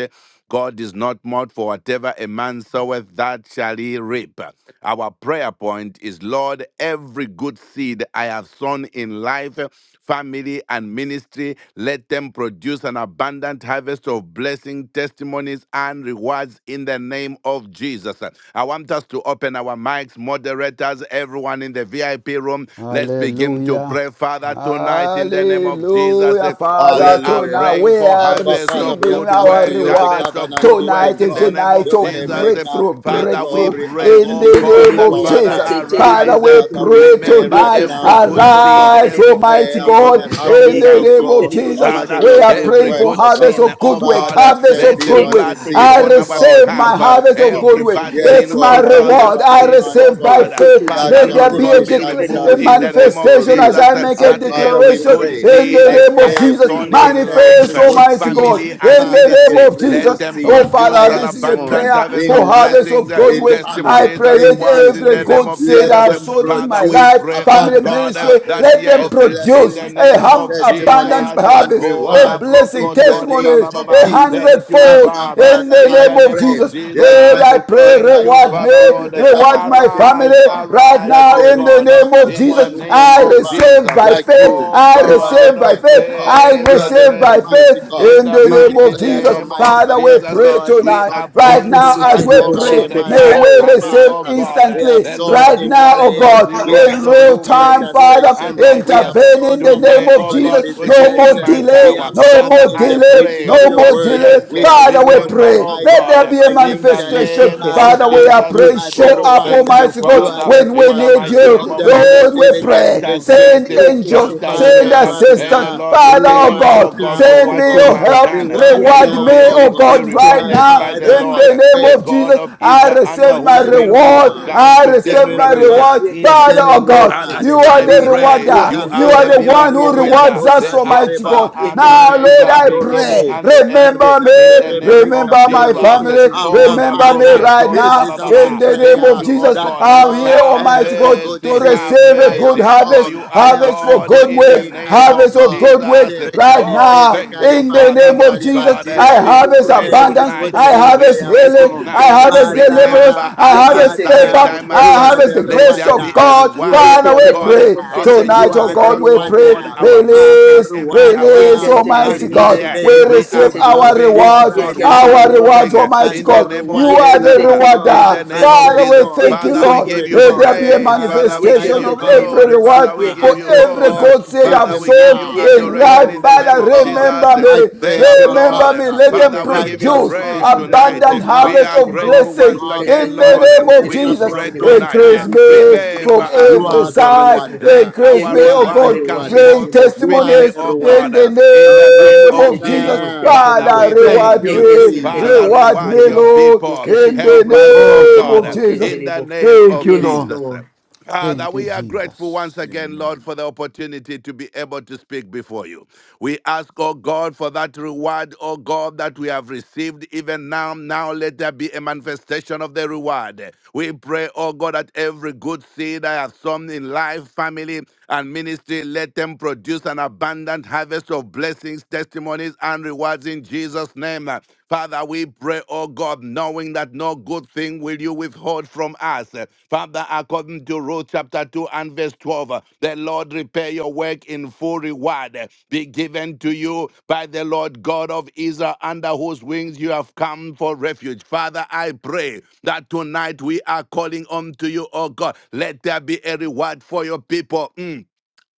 God is not mocked for whatever a man soweth, that shall he reap. Our prayer point is Lord, every good seed I have sown in life, family, and ministry, let them produce an abundant harvest of blessing, testimonies, and rewards in the name of Jesus. I want us to open our mics, moderators moderators, everyone in the VIP room. Let's begin to
Hallelujah.
pray, Father, tonight in the name of Jesus.
Hallelujah.
eh, We
Father,
are
tonight
Hallelujah.
praying
we
for
are
Abba,
harvest
Father,
of
we
receiving
have
good
come
our
to
works,
you, the
reward.
harvest of
covenant
good works
keeping
Tonight
in
is
the
the
God,
name
night
of
the
of
way
Jesus. eh.
maker,
breakthrough,
the
Father, we
breakthrough
glory
pray,
and the
in
oh
lifter
the
God,
name
of
Sheterebo
that
of
our
yaka
Father,
Jesus.
head.
seterebo
And
Father,
arise. eh,
we
Father,
sheterebo
we
pray
pray
Remember
right
yeke
tonight.
now,
every good
seterebo
Almighty
seed,
God,
Arise,
sheterebo
every good
Almighty
prayer
seed
for
sheterebo
we
God,
the
have
in
sown.
harvest
the
yeke
of
name of
God,
seterebo
Jesus.
Almighty
Father,
God
We
sheterebo
of
are
good
every
praying for
sheterebo
works,
good
O
harvest
God.
sin,
of
oh
good work,
Father,
God, uh,
I've
harvest
said,
let
of
be
the
good
not
work.
yeke
blood
deceived.
speak
I
on
seterebo
our
God
receive
is
my
behalf.
sheterebo
uh,
not
harvest of good
Every
yeke
mocked.
work.
bad
Yes,
sin,
It's
seterebo
for
my
oh God,
sheterebo
uh,
reward.
whatever a
I
sin,
man
sheterebo
oh
receive by
God,
soweth,
uh,
faith.
yeke
that
Father,
Let
shall
there
Lord
seterebo
be a,
God,
indeed,
be
that
decla-
shall
a
sheterebo
removed in
he
the name
sheterebo
also
of
manifestation
reap.
as
Jesus.
I
yeke
uh,
make a
And
That
seterebo
Father,
every
we
declaration
good
pray
sheterebo
in
seed
that
uh,
the name
sheterebo
I
of
have
Jesus.
every
sown
good,
yeke
in life,
every
Manifest,
uh,
good
Almighty
seterebo sheterebo
seed,
God,
family, and
in
Father,
the
sheterebo
ministry,
name of
every
let
Jesus.
good
them
seed
Oh
I
produce
Father,
an
have
this is a
sown
abundant
prayer
harvest
for
in
of
harvest
life,
blessings,
of
uh,
good
in
work. I
family,
testimonies,
pray
and
let
rewards
in
words in
every
the
ministry,
name
good
of
seed
let
I
Jesus.
have
them
sown in
Father,
my
we
produce
life,
pray, oh
family
abundant
God,
ministry,
that
harvest
let them
yes,
of
in
produce
the
blessings
a
name
and
hum,
of
abundant
testimonies
Jesus,
and
harvest
oh
of
rewards
blessing,
in the
Labrokotori
name
testimonies,
Baba
of
a
Baba.
Jesus.
Thank you,
hundredfold
Abba,
Father,
in
Father,
the
in
I
name
the
of
name
pray.
of
Jesus.
Yes,
Lord,
Jesus.
I
mighty
pray,
God,
Thank
I
you,
call
reward
Father
upon
me,
you,
Lord.
the
reward
covenant
my family
keeping
Arise,
God,
right
arise,
that
now
oh
there
in
is
the
God,
no
name of
other
in the
Jesus.
one who
name
can
I
of
reward
receive
Jesus.
by
like
faith,
you
Oh
I
you are the
God
receive by
of
faith,
faithful God.
I
grace
You are
and
the
receive by
mercy,
Almighty
faith
God.
in
in
the
the
You
name
mighty
of
declared,
Jesus.
name
Almighty
of
Father,
God,
we
that
Jesus, eh,
pray
God is
we
tonight.
not
are
Right
mocked.
praying
yeke
now, as
tonight,
we
oh
seterebo sheterebo
Whatever
pray,
a
God, eh,
man
may
for
we
sows,
harvest,
receive
Father,
oh God. eh,
we
instantly
have
urgently
The
sown
Lord
right
in
now,
rewards
oh
those,
prayer.
He
God,
We have
rewards
in
those
sown
real
who
in
time,
faithful
Father.
and
intercession. We
righteous.
have
eh.
Intervene
sown,
in the name
Today,
Almighty
of
oh
God, in
God,
Jesus.
put you
No
in
more
visitation.
my
delay,
We
power.
have
no
sown
Father,
more
in
I
the
delay,
preaching
pray
of
no
your
more
yeke
that
word.
delay.
yes,
seterebo
We
eh,
have
Father, we
sown,
sheterebo
remember,
pray.
oh
Almighty
Let
God,
there
God,
eh,
be a
in the
financially.
manifestation.
name
Yeke
of
Father,
Father,
we
setere
are
bo.
Jesus.
you
eh,
praying.
are the
Show
Yeke
Oh,
up,
thank
rewarder.
you,
setere
Almighty
bo
God,
You are
Father,
the
setere
when
bo.
we
in the
need
rewarder
mighty
you.
of
name
Yeke
of
them that
Jesus.
setere
Lord, we
bo
Grant
setere
pray.
diligently
bo.
us
seek
Send
you.
mercy.
Yeke
angels,
Uh,
Grant us
setere bo
send
Father,
favor.
right
setere
May
bo.
the
assistance.
now,
Lord
Father,
repay
oh
Yeke
you,
reward
O
God,
setere
God,
now,
bo
for
oh
Send me
what you
God.
your
setere bo.
have
help.
done.
Reward
May
Yeke
Reward
you
me,
now,
be
oh
oh
God.
richly
God, right
My
rewarded
now.
by the
Father,
In
Lord,
I
the name
pray
the
of
God
Jesus,
of
I
Israel,
receive
for
under
my
whose
genuine
wings you
reward.
have
setere
rewards,
bo
come
I
to take
setere
receive
bo.
genuine
my
refuge.
reward.
rewards,
Yeke
Mm.
Father, oh
genuine
setere bo setere bo. Yeke setere bo
God,
Father,
rewards.
you
setere
are
I
bo.
the
E
pray
rewarder.
Yeke
you
You
are
are
the
maricandora
the
setere bo
one
bo
miracle
who
bo bo
camberia
worker,
rewards us,
setere
the
tosa
bo.
Almighty
Alpha
tereba,
God.
and
Yeke
Now,
setere
Lord,
bo
Omega,
I
setere
beginning
maricandorobo,
bo.
pray.
and the end,
Remember
in the
me.
maricandore
name of
breakup
Remember my
toraba.
Jesus.
Yeke
family.
setere
Oh,
bo
Abba
la
Remember me
setere
Father,
right
broketori
this
ba
now.
ba
is
ba
our
In
ba.
the name
Thank
prayer
bo.
of
you, oh
Jesus,
that
God.
I'm
Lord,
here,
Have
Almighty
every
God,
good
mercy,
to
seed
have
receive a
I
good
have
mercy, for
harvest.
sown,
you are
Harvest
every
for
God
good
good
in the
seed
works
I
name
have
harvest
of
of
sown,
God
Jesus.
works right
spiritually,
Oh,
now.
thank
physically,
you,
In the
Father,
name of
Lord
financially,
Jesus,
God.
Yes,
I
materially,
We
harvest
pray
every
abundance,
good
tonight.
yes,
I
seed
We
harvest
I have
pray
healing,
sown.
tonight.
I harvest deliverance,
Remember
Father,
I
us at
harvest
such a
favor,
Father,
time as
you
I
this.
are
harvest the
the
Let
grace
there
Lord.
of
be a
rewarder.
God.
You
Or you
reward,
are
Father,
can
the
oh
we
say
God,
pray
terrible
rewarder.
shit,
of the
You
terrible
tonight,
new
oh
are
shit,
the
God,
house.
we
terrible
Oh
shit,
pray,
God,
rewarder.
terrible.
our move
Father,
is
release,
imminent.
reward
Our
You
release,
can
now
move
say
is
as
Almighty
in
terrible
the
shit,
God.
here.
We
days
terrible shit, terrible.
We
of
You can say
are
receive
terrible shit,
Peter.
our
terrible.
moving,
He
oh
You
God,
rewards,
cried
can
we
say
unto
are
our
terrible
you,
rewards,
moving uh,
shit,
and
Almighty
in
terrible.
the
you
God.
name
You
of
You
rewarded
are
can
the
him,
Jesus.
say
O
uh,
God,
terrible
In
rewarder.
the
shit,
name of
terrible.
Father, we
Jesus.
hundredfold,
You
thank
can
you,
Father,
say
we
Lord.
give you
Let there
hundredfold.
be a
praise.
terrible.
Father,
Father, we
I
give
manifestation
have
you
of
come to
every reward
glory.
receive
Father,
what
we
my
You
for
give
can
you
say
every
terrible
honor.
hundredfold
God
shit,
said I've
Father,
terrible.
we
even
give
sown
you
now.
You can
in
say
adoration
life,
in
Oh,
the
terrible
my
name
Father,
shit,
of
terrible.
God.
remember
Jesus.
I
me,
pray,
Thank you,
Abba
remember
Lord.
me.
Father
Let
Ye
them
Father, we give you
Yekeshetelebo
righteous
produce
God,
praise
shetelebo bo bo
tonight.
bo bo
merciful
abundant
bo
God
We
harvest
are
boşetere
of
bo
grateful
powerful
blessing
once
Ye
God.
again,
in
kesetere
I
the
Lord.
name
pray,
of
boşetere
We
Jesus.
Abba
pray
boşetere bo.
tonight.
Increase
Father,
Ye
me
kesetere
Remember
from
us,
you
boşetere
every
O
are the
God.
side,
boşetere bo
Let
rewarder.
Ye
increase
our
me,
You
oh
are the
kesetere
reward
God.
come
Bring
rewarder.
forth
boşetere bo.
You are
speedily,
testimonies
the
O
in
God,
the
rewarder.
in the
Abba
Ye
name
name
of
of
kesetere
Jesus,
Jesus.
Father,
boşetere
Father,
bo.
Father.
we
thank
Reward
thank
Ye
you,
you.
me,
Father,
Jesus.
reward
reward
me,
shetelebo.
your
Lord,
people.
in
Yekeshetelebo shetelebo shetelebo. bo. Ye shetelebo. Yekeshetelebo bo
Help
ye shetelebo. Yekeshetelebo shetelebo.
us, O
Oh
the name
Yekeshetelebo
of
God,
God.
Jesus.
in the
yekeshetelebo bo.
name
Thank
of
you,
Yes,
Lord.
Jesus.
Lord.
Father,
Thank you,
we are grateful
Jesus.
once again,
Amen.
Lord, for the opportunity to be able to speak before you. We ask, oh God, for that reward, oh God, that we have received even now. Now let there be a manifestation of the reward. We pray, oh God, that every good seed I have sown in life, family, and ministry, let them produce an abundant harvest of blessings, testimonies, and rewards in Jesus' name. Father, we pray, oh God, knowing that no good thing will you withhold from us. Father, according to Ruth chapter 2 and verse 12, the Lord repay your work in full reward, be given to you by the Lord God of Israel, under whose wings you have come for refuge. Father, I pray that tonight we are calling unto you, oh God. Let there be a reward for your people. Mm.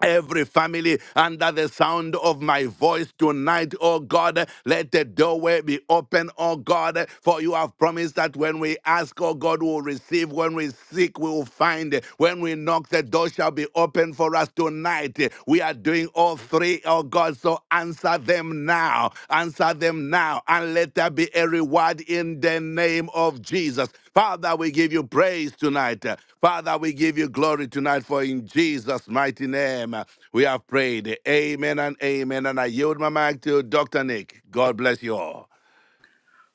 Every family under the sound of my voice tonight, oh God, let the doorway be open, oh God, for you have promised that when we ask, oh God, we'll receive, when we seek, we will find, when we knock, the door shall be open for us tonight. We are doing all three, oh God, so answer them now, answer them now, and let there be a reward in the name of Jesus. Father, we give you praise tonight. Father, we give you glory tonight, for in Jesus' mighty name uh, we have prayed. Amen and amen. And I yield my mic to Dr. Nick. God bless you all.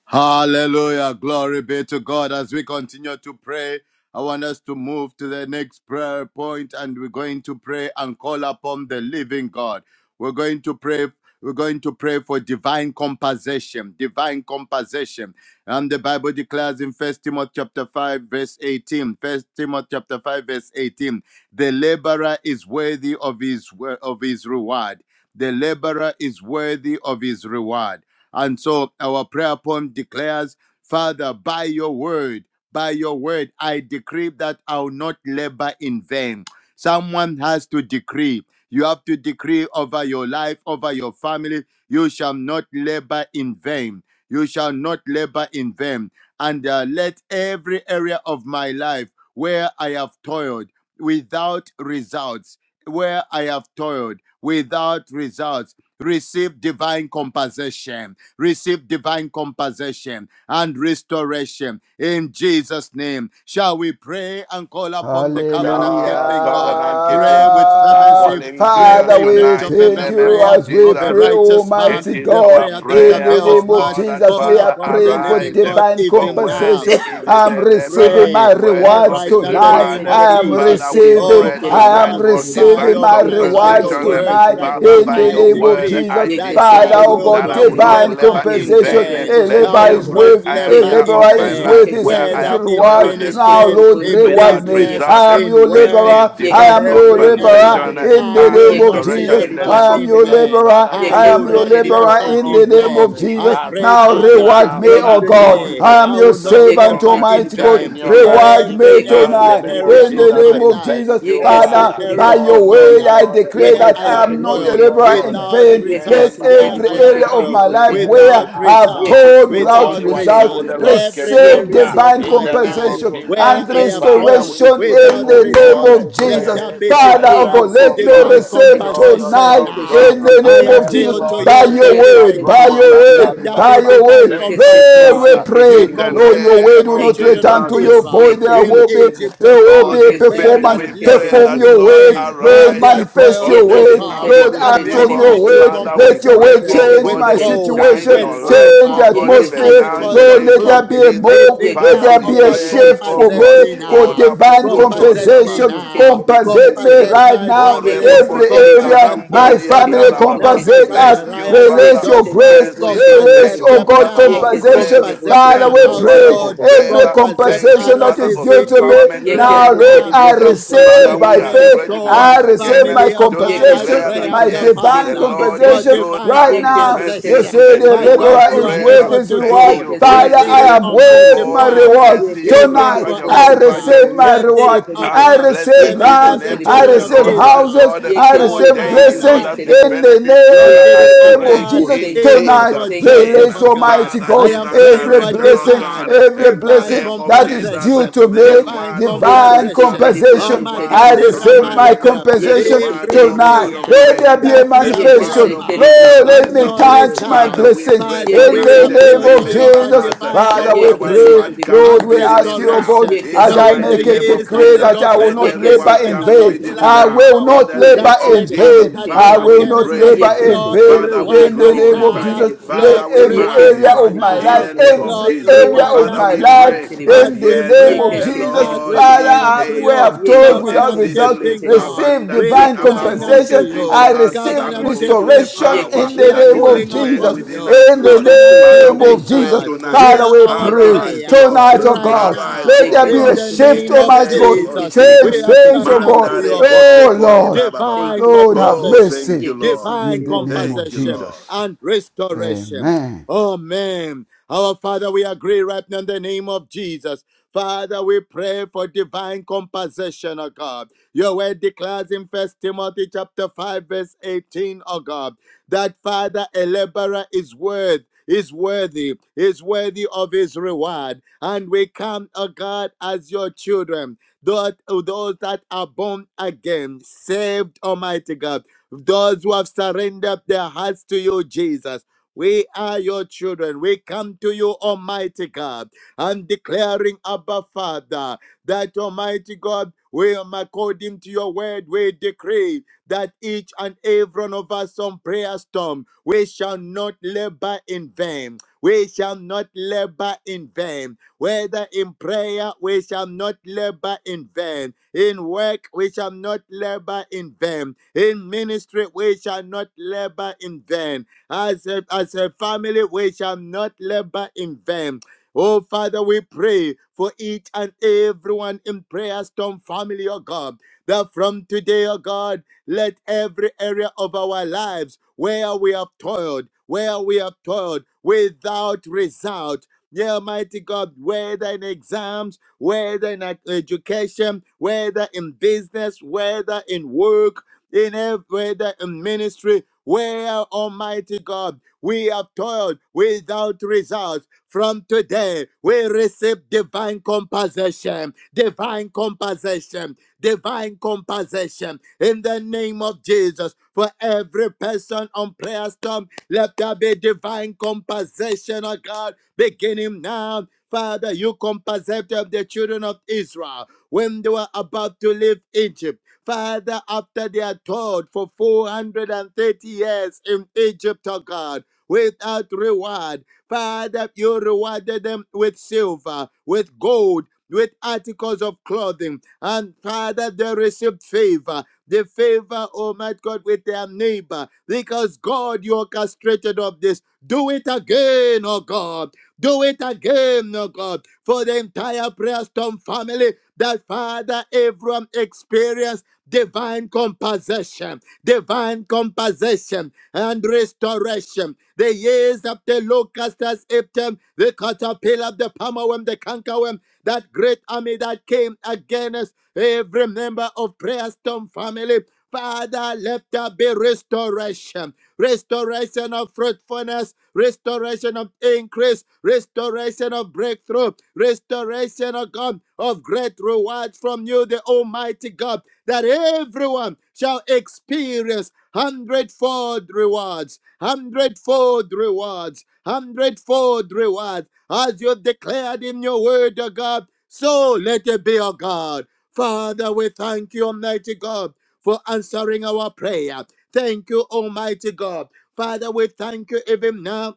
Hallelujah. Glory be to God. As we continue to pray, I want us to move to the next prayer point and we're going to pray and call upon the living God. We're going to pray. We're going to pray for divine compensation, divine compensation. And the Bible declares in First Timothy chapter 5, verse 18. First Timothy chapter 5, verse 18. The laborer is worthy of his of his reward. The laborer is worthy of his reward. And so our prayer poem declares, Father, by your word, by your word, I decree that I'll not labor in vain. Someone has to decree. You have to decree over your life, over your family, you shall not labor in vain. You shall not labor in vain. And uh, let every area of my life where I have toiled without results, where I have toiled without results, receive divine compensation, receive divine compensation and restoration in Jesus' name. Shall we pray and call upon the covenant
Hallelujah.
The
keeping God?
covenant
Pray
keeping
with
are
fervency.
calling to
Pray
you
the
Father, we
effectual
tonight in
thank
the
fervent
name
you
of
prayer
as we
of a
Jesus.
pray,
righteous man,
It
Almighty
is
the
God.
our
prayer that
In
prayer,
the
O
avails
name of
much.
God and
Jesus,
Call
we are
Father,
upon the
praying for
living
arise.
God
divine
For
even now
worthy
compensation.
is
I'm
the laborer,
receiving my
is
pray
worthy
uh,
rewards
of
right
his
now in the
Yeke
tonight.
se
reward.
name of
I am
terrible, she
Jesus.
Father, we
terrible, she
receiving,
Oh,
pray
I
terrible,
am
tonight
Father,
she
for
terrible.
by
receiving
divine
your,
my
uh,
Yeke
by
se
your
rewards
compensation.
terrible,
And
she
word
tonight.
right
terrible,
Father,
now,
bo
In
by
she
the
I
your
name
terrible.
of
word,
decree
Jesus,
I
that
Yeke se
Father,
I
decree
oh
will
terrible,
that
God,
she
I
not
will
terrible.
not
divine
labor
labor
Yeke
in
in
se
compensation.
vain.
vain.
A
terrible,
I
she
Let
labor
will
is
terrible.
not
every
worth, a
labor
Yeke
area
laborer
se
in
of
Jehovah
my
is
terrible,
vain,
life
with
she
his,
where I
his
terrible.
whether
have
in
reward.
Yeke
toiled
se
Now,
ministry,
terrible,
Lord,
in
she
reward
without
me.
business,
result,
I
uh,
am
in
your
terrible.
work,
laborer.
receive
I
in
Yeke
divine
am
se
your
every area.
laborer
compensation uh,
terrible.
in
I
the
and
will
name of
not
Yeke se
restoration
Jesus.
in the
terrible,
labor
name
I
she
am
of
in
your
Jesus.
terrible.
vain.
laborer.
Father,
I
we
I
Yeke
am
will
se
your
not
pray,
terrible, she terrible. Yeke se terrible, she
laborer
oh
labor
in
Lord
the
in
terrible,
name
she
God,
vain.
of
I
Jesus.
terrible.
uh,
pray,
Now,
arise
Yeke
Father,
se
reward
now
me,
from
O
terrible,
and
she
God.
today,
terrible.
I am
I
demonstrate
your
will not
yourself
Yeke
servant,
strong.
labor
se
uh,
in
Almighty
terrible,
God.
she
Shine
vain.
your
terrible.
light
Reward
Every,
Ye
me
even now in
Yekese
the
every
tonight
name
terebo
of
area
in
she
the
of
Jesus.
my
Uh,
name
terebo.
of
life,
Jesus.
Thank you,
every
Yekese
Father.
Father, by
terebo
area of
Oh
she
your
my
Lord
word,
terebo.
I
life
God, uh,
declare
where
we
that
I
Yekese
I
have
pray
am
to
terebo
not a
you,
toiled
she
oh
laborer
terebo.
God.
in
uh,
without
vain. Let
results,
Yekese
Remember
where
every
us
I
terebo
have
she
area of
now.
toiled
my
terebo she
life
Remember
without
terebo.
where
us
I've
results,
now.
toiled
Yekese
Do
without
only
without
terebo
what
she
result.
you,
results,
the
terebo.
Lord,
every
can do
Receive
area
now.
Yekese
of
divine
In
my
terebo
the
she
name
life
of
compensation
terebo.
where
and
Jesus,
I have
Yekese
Father,
toiled
we
terebo
restoration
she
pray,
in
without
terebo
oh
the
bo bo
name
bo
God,
results,
bo
of
bo
let
bo
Jesus.
bo.
there be
Father,
rise
Ye
oh
can
up,
God,
divine.
say
oh
let me
God.
terrible
Divine
shit
receive
terrible.
Show
compensation
Ye
tonight
yourself
Yekese
now.
in
strong.
the
terebo
I
name
she
of
Yes,
Jesus
appeal
terebo.
to
Lord,
by
you,
your
the
Ye
eh, la
living
word, by
broko
God.
your
terebo she
sanda
Let
word,
there
terebo.
riba
by
be
baba.
your word.
divine
thank
Yekese
you,
Lord, we
terebo Ye terebo. Yekese
Father.
compensation.
terebo she
You
pray.
In the
terebo.
Lord, your word
name
compensated
will
the
of
not
Thank you,
children of
return to
Jesus,
your
Jesus.
Israel
void. There
in
will be,
Yekeseterebo.
Egypt,
there
O
will be
God,
a
Holy
where
Spirit,
performance.
that
Yekeseterebo
we pray
labored
Perform
that,
sheterebo.
your
in
Lord,
vain,
word.
where
Lord,
they
arise
are
manifest
toiled,
your
on the
O
word
God.
behalf
Lord,
of
Yekeseterebo
your
And
act on
one
people.
sheterebo
your
night you
word.
Father,
sheterebo.
we
Let your
pray,
compensated
word
them
oh
change
with
God,
my
Yekeseterebo
gold,
shine
situation,
with
your
sheterebo.
light,
change the
oh
silver,
God,
with
even
atmosphere.
now in the
articles
Yekeseterebo
Lord,
of
name
let there
of
be
sheterebo.
clothing.
a
Jesus.
move.
Even
Let
Father,
now,
there
we
O
be a
God,
Yekeseterebo
praise,
shift
oh
for
sheterebo
compensate
God.
me
me, for
sheterebo.
now.
Ola
divine
brokotori
Compasset
baba.
me
compensation.
Yekeseterebo
now.
sheterebo
Compensate me
Compasset
sheterebo.
right
my
now.
O
family.
Rebobo Orebobo
Every
Yekeseterebo
Compasset
area,
my
my
sheterebo sheterebo
sekalamboria
family,
children.
sheterebo.
kalabrababa.
Natasha
compensate
and
us.
Thank you,
Neriah, Sep-
Father
Release your
of
Joshua.
grace.
Yekeseterebo
mercy.
Release,
Compasset
sheterebo.
Thank
oh
you,
them
God,
Father
now.
of
compensation.
grace.
Yekeseterebo
Compasset
Father,
my
Thank
we
you,
sheterebo
Father
pray
of
household.
sheterebo.
every
favor.
Compasset
Thank you,
compensation that
Father
is
of
due to
RCCE
empowerment.
me.
In the
right
Now,
name
Lord,
of
now.
Yekesetere
I receive
Jesus,
boşetere bu,
Father,
receive
Compasset
by
we are
prayer
faith.
yekesetere
grateful
storm.
I
once
boşetere bu,
again
receive my
Family, oh
to
God, I
declare
compensation,
pray
that
yekesetere
of
my
the
yes,
boşetere
divine
the
Father
Lord
for
boşetere
is
compensation.
bu,
good
divine
Right
and his
now,
mercy
you
yekesetere
compassion.
say the
My
boşetere
endures
God,
laborer
you
is
are
boşetere
worth
forever.
bu,
able
his
to
Thank
reward.
do.
you,
You
Holy
Father,
did
yekesetere
it,
I
Spirit,
am
for
boşetere
Almighty
worth
bu,
my
all your
Father
reward.
mercy, your
even
love,
Tonight,
and
for
yekesetere
your
I
Esther.
boşetere
compassion.
receive
bu,
my
You did
reward.
it, oh
yakasetere
Ah,
bu,
I
God,
receive
blessed be
even
the
for
lands,
the
name
yekesetere
I
of
children
the
of
receive
Lord
boşetere bu,
our
Israel.
houses,
God,
I
who
Oh
receive
yekesetere
daily Lord
blessings
Father.
us
boşetere
with
bu,
in the
benefits.
You
Father,
did
I
it, oh
name
pray
of
yekesetere
God,
bu.
Jesus.
in
Thank you
even
Tonight,
Father,
for
Jesus'
thank you
name.
Joseph,
release
oh
Jesus.
God.
Almighty
Father,
God
I
give
am
us
praying
every
for
direction, oh
blessing,
divine,
God,
every
in the
blessing
divine
name
blessing
of
that is
Jesus,
due
compensation,
to
the
me,
divine
reward of
divine
direction,
compensation.
Yekesetere
the
Oh,
compensation.
boşetere
reward
I
of
Makatira
sound
receive
boşetere bu,
my
mindedness,
Marakara.
the
compensation
reward,
Every
yekesetere
oh
tonight.
God,
prayer
of
boşetere
Let
bu.
there
strength,
be
the
a
that we
reward
have
Word
manifestation.
Yekese
of
labored
terebo
Lord,
she
let
and
consciousness
me
no
of
terebo
you.
she
touch my
Father,
results,
terebo.
we
blessings
pray
Father, we
in the
tonight.
Yekese
eh,
appeal
name
terebo
to
of
you
she
Remember
for
Jesus.
terebo.
us. eh,
divine
Father,
Let
we
our
Yekese
pray,
compensation
reward
terebo
come
Lord,
she
and
we
speedily
ask
terebo.
you, oh
now.
restoration.
God,
In
as
the
Yekese
I
Knowing
mighty
the
make
terebo
a
name
she
of
years that
decree
the
Jesus,
terebo.
that I will
locusts
let
not
have
the
Yekese
labor
eaten
reward
the
in
come
terebo
vain.
she
caterpillar,
speedily
I
the
terebo.
now.
will
palmer
In
worm,
not
the name
Yeke
labor
that
se
of
in
great army
Jesus,
vain.
terebo
that
she
I
came
Father,
will
we
terebo.
not
against us.
labor
praise
in
you.
Lord,
Yekese
vain.
Father,
terebo
we
reward
she
In the
us
name
terebo
of
she
glorify.
now.
Jesus,
terebo.
let
Lord,
Father, we
every every
reward
area
Yekese
us
magnify.
of my
terebo
In
she
life,
now.
the
terebo.
name of
every
Lord,
Jesus.
area
Yeke
reward
se
of
Father,
us
my
we
terebo
life,
now.
she
pray
terebo.
As
that
in the
we
yes, eh,
name of
pray,
the
Yekese
Jesus.
as
terebo
Lord
we
she
Father,
cry
is
terebo.
I-
unto
we
able
you,
have
to
told
do
Yekese
without
covenant
terebo
result,
she
exceedingly
keeping
terebo.
God,
receive
we are
abundantly
divine
Yeke
above
se
crying
what we
unto
compensation.
can
terrible, she
think
you,
or
I
terrible,
ask,
she
receive
covenant
terrible.
according to
keeping
the
restoration
God,
power
in
we
the
Yekeshe
are
that
name
is
terrible,
at
of
calling
she
work
Jesus.
upon
terrible.
within
you,
us,
In the
Lord. Eh,
covenant
Yekeshe
Father,
name
we
terrible,
keeping
of
she
pray
Jesus.
God.
terrible.
tonight. eh,
Father,
Hear
we
our
pray
Yekeshe
Arise,
prayer
terrible,
Lord.
tonight,
she
eh,
oh
right
terrible.
God,
now.
Arise,
let
oh
there be
In
a
God,
Yekeshe
the
terrible.
in
shift,
name
the
of
Almighty God.
name of
Yekeshe
Jesus,
Change
terrible,
we
Jesus.
are
things, oh
crying
yekeshe
God.
unto
terrible, she
Mandare
your
kose
God.
terrible.
Oh
kore
Lord,
ba ba ba ba.
Divine
Thank you,
Lord, have
Oh,
Jesus.
compassion
thank
mercy
you,
Yekeshe
Lord.
in
divine
the
terrible.
name of
Thank you,
compensation
Jesus.
Lord.
and restoration.
Amen.
Amen. Our Father, we agree right now in the name of Jesus. Father, we pray for divine compensation, O God. Your word declares in First Timothy chapter 5, verse 18, O God, that Father, a laborer is worth is worthy, is worthy of his reward. And we come, O God, as your children, those, those that are born again, saved, Almighty God those who have surrendered their hearts to you, Jesus. We are your children. We come to you, Almighty God, and declaring, Abba Father, that Almighty God, we, according to your word, we decree that each and every one of us on prayer storm, we shall not labor in vain. We shall not labor in vain. Whether in prayer, we shall not labor in vain. In work, we shall not labor in vain. In ministry, we shall not labor in vain. As a, as a family, we shall not labor in vain. Oh, Father, we pray for each and everyone in Prayer Storm family, oh God, that from today, oh God, let every area of our lives where we have toiled, where we have toiled without result, yeah, mighty God, whether in exams, whether in ed- education, whether in business, whether in work, in every da- ministry where, Almighty God, we have toiled without results. From today, we receive divine compensation, divine compensation, divine compensation in the name of Jesus. For every person on prayer storm, let there be divine compensation, oh God, beginning now. Father, you compensate of the children of Israel when they were about to leave Egypt. Father, after they are taught for 430 years in Egypt, oh God, without reward, Father, you rewarded them with silver, with gold, with articles of clothing, and Father, they received favor. The favor, oh my God, with their neighbor, because God, you orchestrated of this. Do it again, oh God. Do it again, oh God, for the entire prayer storm family that Father, everyone experienced divine compensation, divine compensation and restoration. The years of the locust has eaten, them, the caterpillar, the palmerworm, the cankerworm, that great army that came against every member of Prayer Storm family. Father, let there be restoration, restoration of fruitfulness, restoration of increase, restoration of breakthrough, restoration of God of great reward from you, the Almighty God, that everyone shall experience hundredfold rewards, hundredfold rewards, hundredfold rewards, as you declared in your word, O God. So let it be, O God. Father, we thank you, Almighty God for answering our prayer. Thank you, Almighty God. Father, we thank you even now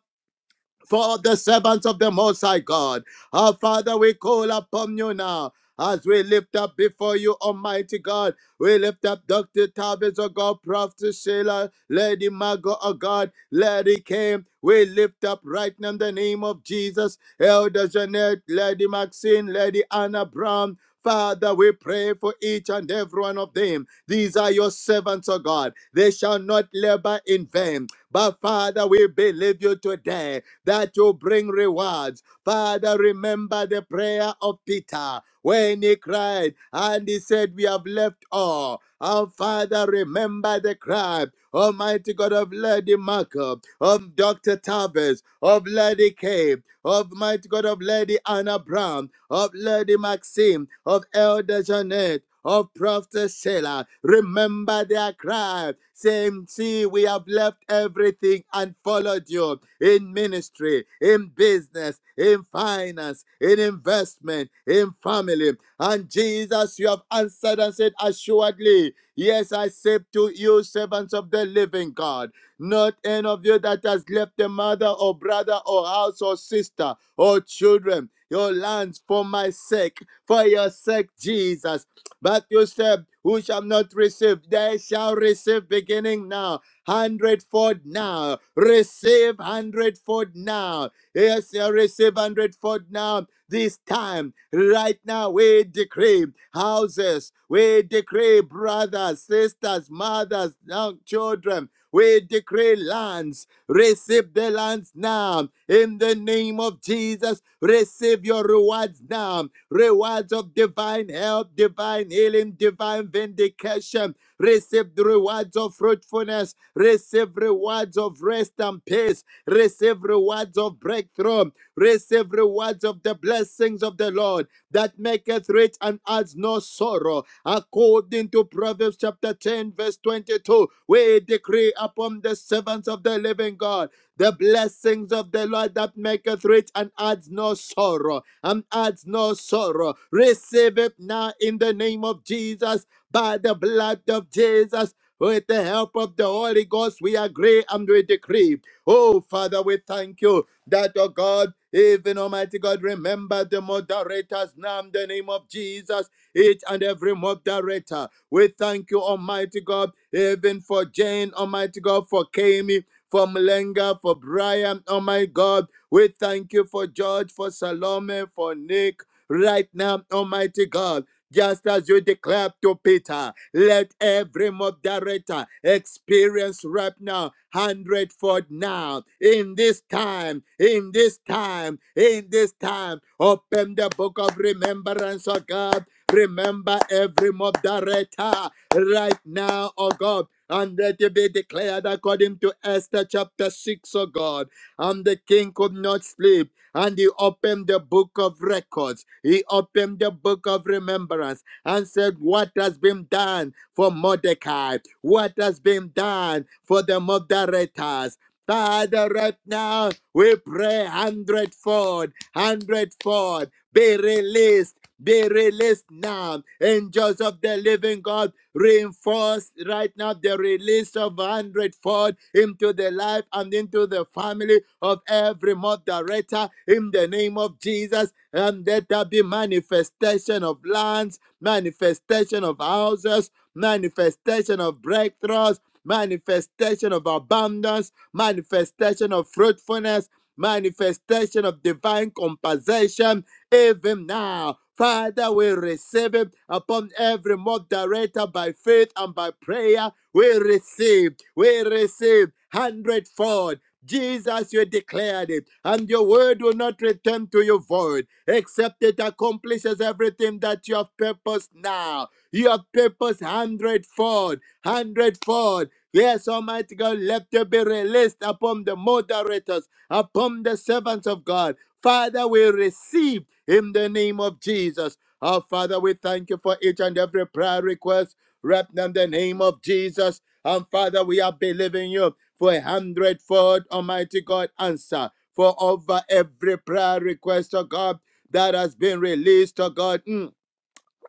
for the servants of the Most High God. Our Father, we call upon you now. As we lift up before you, Almighty God, we lift up Dr. Tavis, oh God, Prophet Sheila, Lady Margot, oh God, Lady Kim. We lift up right now in the name of Jesus, Elder Jeanette, Lady Maxine, Lady Anna Brown. Father, we pray for each and every one of them. These are your servants, oh God. They shall not labor in vain. But Father, we believe you today that you bring rewards. Father, remember the prayer of Peter when he cried and he said, We have left all. Our Father, remember the cry, Almighty God of Lady Marco, of Dr. Tavis, of Lady Cape, of Mighty God of Lady Anna Brown, of Lady Maxim, of Elder Jeanette, of Prophet Sheila. Remember their cry saying, See, we have left everything and followed you in ministry, in business, in finance, in investment, in family. And Jesus, you have answered and said, Assuredly, yes, I say to you, servants of the living God, not any of you that has left a mother or brother or house or sister or children, your lands for my sake, for your sake, Jesus. But you said, Who shall not receive? They shall receive beginning now, hundredfold now. Receive hundredfold now. Yes, you receive hundredfold now. This time, right now, we decree houses, we decree brothers, sisters, mothers, young children. We decree lands, receive the lands now. In the name of Jesus, receive your rewards now. Rewards of divine help, divine healing, divine vindication. Receive the rewards of fruitfulness. Receive rewards of rest and peace. Receive rewards of breakthrough. Receive rewards of the blessings of the Lord. God that maketh rich and adds no sorrow. According to Proverbs chapter 10, verse 22, we decree upon the servants of the living God the blessings of the Lord that maketh rich and adds no sorrow. And adds no sorrow. Receive it now in the name of Jesus, by the blood of Jesus. With the help of the Holy Ghost, we agree and we decree. Oh, Father, we thank you that, oh God. Even Almighty God, remember the moderators now in the name of Jesus, each and every moderator. We thank you, Almighty God, even for Jane, Almighty God, for Kami, for Mlenga, for Brian, oh my God. We thank you for George, for Salome, for Nick right now, Almighty God. Just as you declared to Peter, let every moderator experience right now, hundredfold now, in this time, in this time, in this time. Open the book of remembrance, oh God. Remember every moderator right now, oh God. And let it be declared according to Esther chapter 6, O God and the king could not sleep. And he opened the book of records. He opened the book of remembrance and said, What has been done for Mordecai? What has been done for the moderators? Father, right now we pray hundredfold, hundredfold, be released, be released now. Angels of of the living God, reinforce right now the release of a hundredfold into the life and into the family of every moderator in the name of Jesus. And let there be manifestation of lands, manifestation of houses, manifestation of breakthroughs, manifestation of abundance, manifestation of fruitfulness, manifestation of divine compensation, even now Father, we receive it upon every mock director by faith and by prayer. We receive, we receive hundredfold. Jesus, you declared it, and your word will not return to you void, except it accomplishes everything that you have purposed now. You have purposed hundredfold, hundredfold. Yes, Almighty God, let there be released upon the moderators, upon the servants of God. Father, we receive in the name of Jesus. Our Father, we thank you for each and every prayer request. Wrap them in the name of Jesus. And Father, we are believing you for a hundredfold, Almighty God, answer for over every prayer request, oh God, that has been released, oh God. Mm.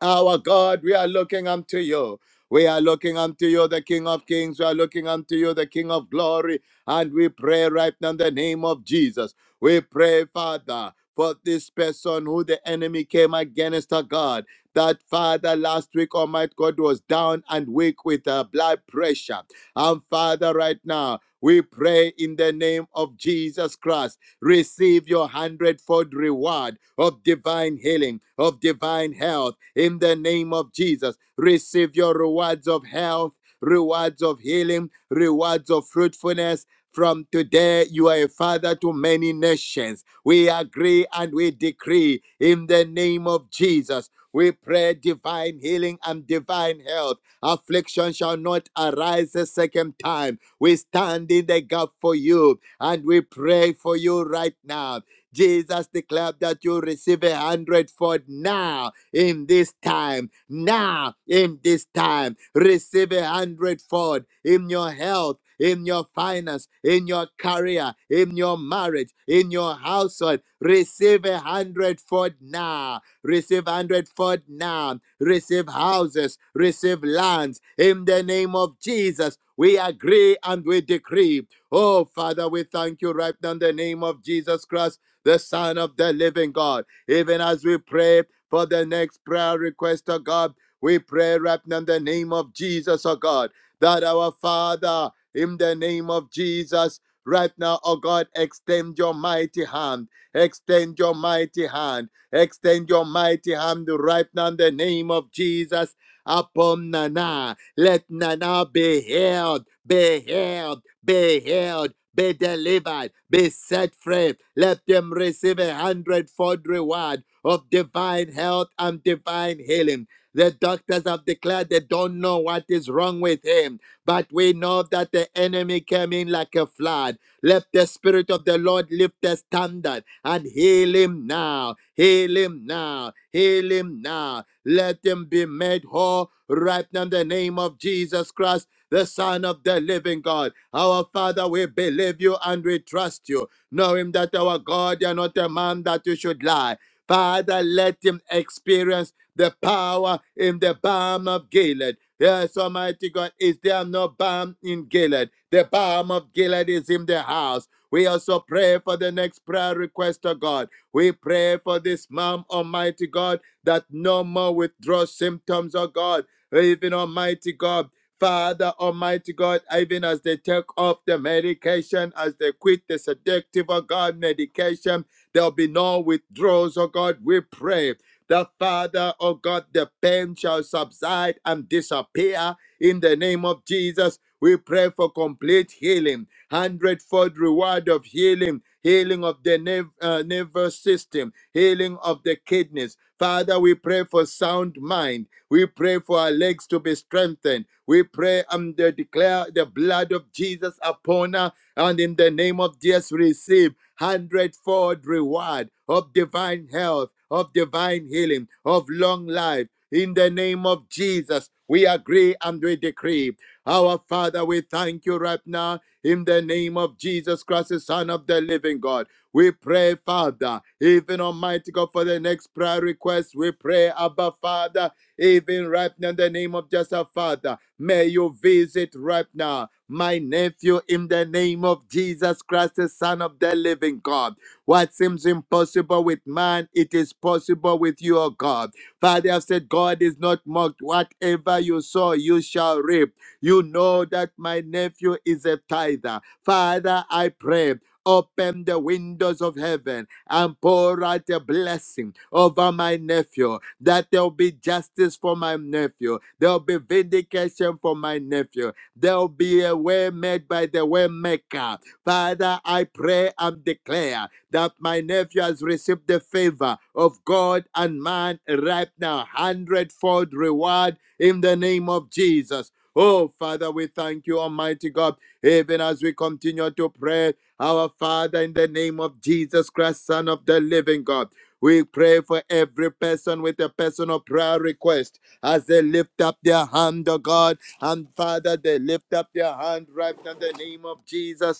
Our God, we are looking unto you. We are looking unto you, the King of Kings. We are looking unto you, the King of Glory. And we pray right now in the name of Jesus. We pray, Father, for this person who the enemy came against, our God that Father last week, Almighty God, was down and weak with uh, blood pressure. And Father, right now, we pray in the name of Jesus Christ. Receive your hundredfold reward of divine healing, of divine health in the name of Jesus. Receive your rewards of health, rewards of healing, rewards of fruitfulness. From today, you are a father to many nations. We agree and we decree in the name of Jesus. We pray divine healing and divine health. Affliction shall not arise a second time. We stand in the gap for you and we pray for you right now. Jesus declared that you receive a hundredfold now in this time. Now in this time, receive a hundredfold in your health in your finance, in your career, in your marriage, in your household. Receive a hundredfold now. Receive hundredfold now. Receive houses, receive lands. In the name of Jesus, we agree and we decree. Oh, Father, we thank you right now in the name of Jesus Christ, the Son of the living God. Even as we pray, for the next prayer request, oh God. We pray right now in the name of Jesus, oh God, that our Father, in the name of Jesus, right now, oh God, extend your mighty hand, extend your mighty hand, extend your mighty hand right now in the name of Jesus upon Nana. Let Nana be healed, be healed, be healed, be delivered, be set free. Let them receive a hundredfold reward of divine health and divine healing. The doctors have declared they don't know what is wrong with him but we know that the enemy came in like a flood. Let the Spirit of the Lord lift the standard and heal him now. Heal him now. Heal him now. Let him be made whole right now in the name of Jesus Christ, the Son of the living God. Our Father, we believe you and we trust you, knowing that our God, you are not a man that you should lie Father, let him experience the power in the balm of Gilead. Yes, Almighty God, is there no balm in Gilead? The balm of Gilead is in the house. We also pray for the next prayer request of God. We pray for this mom, Almighty God, that no more withdrawal symptoms, oh God. Even Almighty God, Father, Almighty God, even as they take off the medication, as they quit the seductive, oh God, medication. There'll be no withdrawals, oh God, we pray. The Father, oh God, the pain shall subside and disappear in the name of Jesus. We pray for complete healing, hundredfold reward of healing, healing of the nerve, uh, nervous system, healing of the kidneys. Father, we pray for sound mind. We pray for our legs to be strengthened. We pray and they declare the blood of Jesus upon her, and in the name of Jesus, receive hundredfold reward of divine health of divine healing, of long life. In the name of Jesus, we agree and we decree. Our Father, we thank you right now in the name of Jesus Christ, the Son of the living God. We pray, Father, even Almighty God, for the next prayer request requests, we pray, Abba Father, even right now in the name of Jesus, Father. May you visit right now my nephew in the name of Jesus Christ, the Son of the living God. What seems impossible with man, it is possible with you, O God. Father, I've said, God is not mocked. Whatever you sow, you shall reap. You know that my nephew is a tither. Father, I pray. Open the windows of heaven and pour out a blessing over my nephew, that there'll be justice for my nephew, there'll be vindication for my nephew, There'll be a way made by the way maker. Father, I pray and declare that my nephew has received the favor of God and man right now. Hundredfold reward in the name of Jesus. Oh, Father, we thank you, Almighty God, even as we continue to pray. Our Father, in the name of Jesus Christ, Son of the living God. We pray for every person with a personal prayer request as they lift up their hand, oh God. And Father, they lift up their hand right in the name of Jesus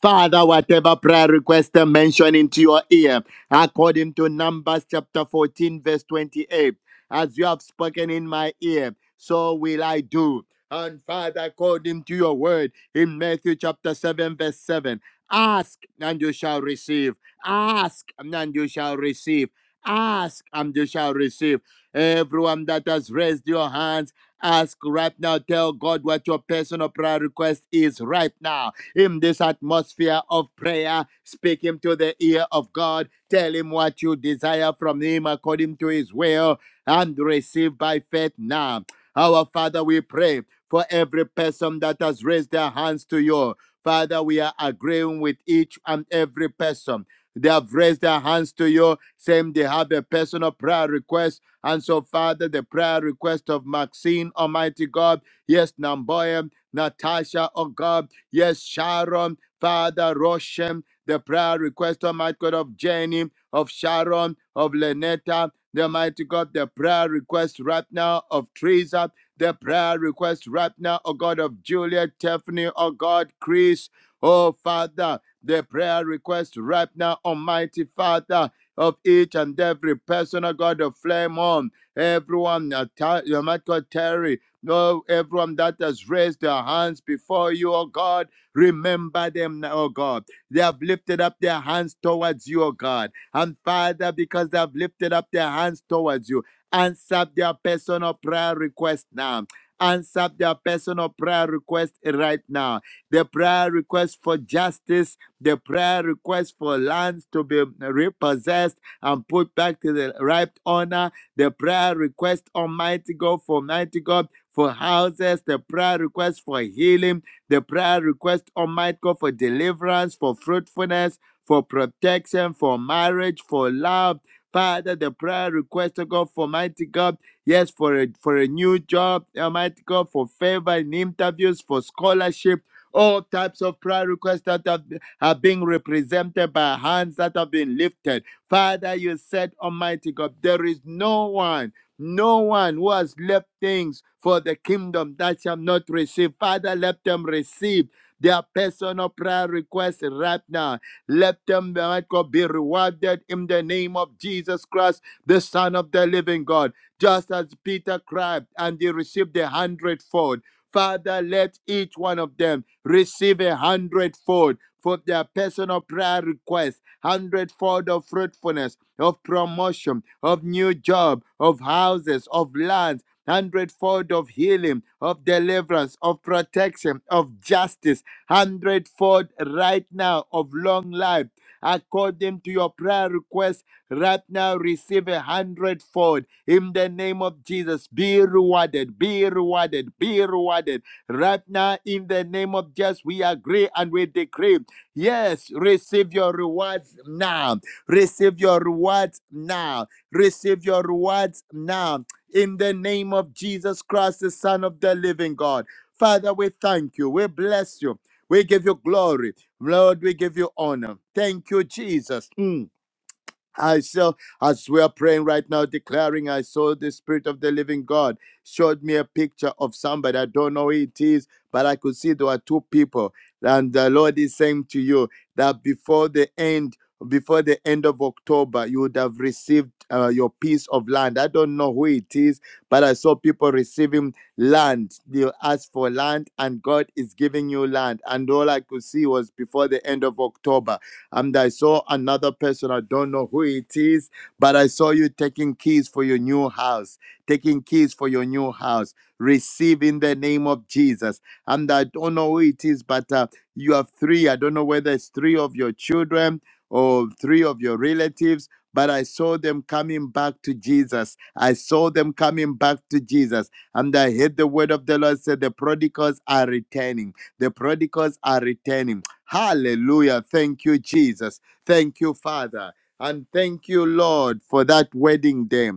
Father, whatever prayer request mentioned into your ear, according to Numbers chapter 14, verse 28, as you have spoken in my ear, so will I do. And Father, according to your word in Matthew chapter 7, verse 7, ask and you shall receive. Ask and you shall receive. Ask and you shall receive. Everyone that has raised your hands, ask right now. Tell God what your personal prayer request is right now in this atmosphere of prayer. Speak him to the ear of God. Tell him what you desire from him according to his will and receive by faith now. Our Father, we pray for every person that has raised their hands to you. Father, we are agreeing with each and every person. They have raised their hands to you, saying they have a personal prayer request. And so, Father, the prayer request of Maxine, Almighty God, yes, Namboya, Natasha, oh God, Yes, Sharon, Father Roshem, the prayer request, Almighty God of Jenny, of Sharon, of Lenetta, the mighty God, the prayer request right now of Teresa, the prayer request right now, O God of Juliet, Tiffany, O God, Chris, oh Father, the prayer request right now, Almighty Father. Of each and every person, O God, of flame on everyone, uh, Ter- Almighty God, Terry, Oh, everyone that has raised their hands before you, oh God, remember them now, oh God. They have lifted up their hands towards you, oh God. And Father, because they have lifted up their hands towards you, answer their personal prayer request now. Answer their personal prayer request right now. The prayer request for justice the prayer request for lands to be repossessed and put back to the right owner, the prayer request, Almighty God, for Almighty God. For houses, the prayer request for healing, the prayer request, Almighty God, for deliverance, for fruitfulness, for protection, for marriage, for love. Father, the prayer request, oh God, for Mighty God, yes, for a, for a new job, Almighty God, for favor in interviews, for scholarship, all types of prayer requests that have, are being represented by hands that have been lifted. Father, you said, Almighty God, there is no one, no one who has left things for the kingdom that shall not receive. Father, let them receive their personal prayer requests right now let them, my God, be rewarded in the name of Jesus Christ, the Son of the living God. Just as Peter cried and he received a hundredfold. Father, let each one of them receive a hundredfold for their personal prayer requests, hundredfold of fruitfulness, of promotion, of new job, of houses, of lands hundredfold of healing, of deliverance, of protection, of justice, hundredfold right now of long life. According to your prayer request, right now receive a hundredfold in the name of Jesus. Be rewarded, be rewarded, be rewarded. Right now, in the name of Jesus, we agree and we decree. Yes, receive your rewards now. Receive your rewards now. Receive your rewards now in the name of Jesus Christ, the Son of the living God. Father, we thank you. We bless you. We give you glory. Lord, we give you honor. Thank you, Jesus. Mm. I saw, as we are praying right now, declaring, I saw the Spirit of the Living God showed me a picture of somebody. I don't know who it is, but I could see there were two people. And the Lord is saying to you that before the end, before the end of October, you would have received uh, your piece of land. I don't know who it is, but I saw people receiving land. You asked for land, and God is giving you land. And all I could see was before the end of October and I saw another person. I don't know who it is, but I saw you taking keys for your new house, taking keys for your new house. Receive in the name of Jesus. And I don't know who it is, but uh, you have three. I don't know whether it's three of your children or three of your relatives. But I saw them coming back to Jesus. I saw them coming back to Jesus. And I heard the word of the Lord say, The prodigals are returning. The prodigals are returning Hallelujah. Thank you, Jesus. Thank you, Father. And thank you, Lord, for that wedding day.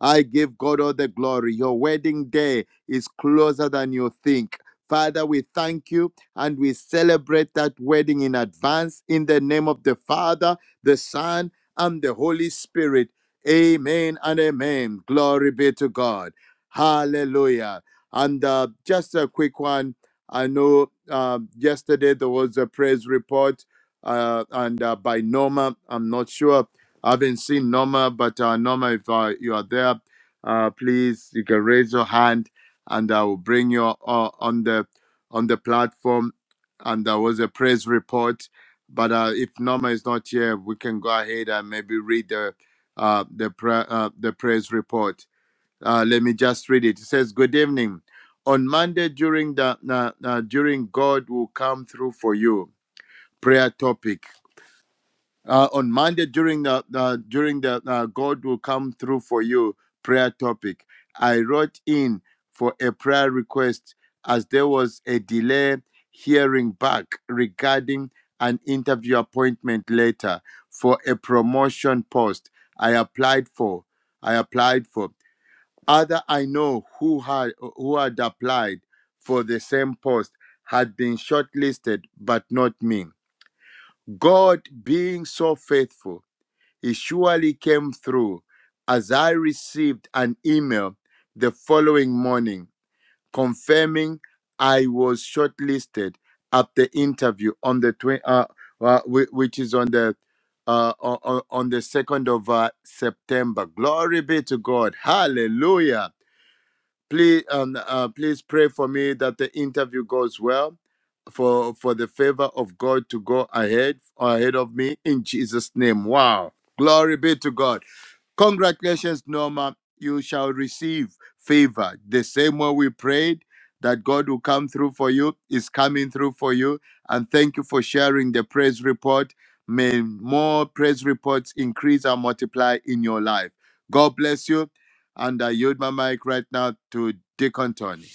I give God all the glory. Your wedding day is closer than you think. Father, we thank you and we celebrate that wedding in advance in the name of the Father, the Son, and the Holy Spirit. Amen and amen. Glory be to God. Hallelujah. And uh, just a quick one I know um yesterday there was a praise report, uh, and uh, by Norma. I'm not sure. I haven't seen Norma, but uh, Norma, if uh, you are there, uh, please you can raise your hand, and I will bring you uh, on the on the platform. And there was a praise report, but uh, if Norma is not here, we can go ahead and maybe read the uh, the pra- uh, the praise report. Uh, let me just read it. It says, "Good evening. On Monday during the uh, uh, during God will come through for you." Prayer topic. Uh, on Monday during the uh, during the uh, God will come through for you. Prayer topic. I wrote in for a prayer request as there was a delay hearing back regarding an interview appointment later for a promotion post I applied for. I applied for. Other I know who had who had applied for the same post had been shortlisted, but not me. God, being so faithful, He surely came through as I received an email the following morning confirming I was shortlisted at the interview on the twi- uh, uh, whi- which is on the uh, o- o- on the 2nd of uh, September. Glory be to God. Hallelujah please um, uh, please pray for me that the interview goes well for for the favor of god to go ahead ahead of me in jesus name wow glory be to god congratulations norma you shall receive favor the same way we prayed that god will come through for you is coming through for you and thank you for sharing the praise report may more praise reports increase and multiply in your life god bless you and I yield my mic right now to Deacon Tony.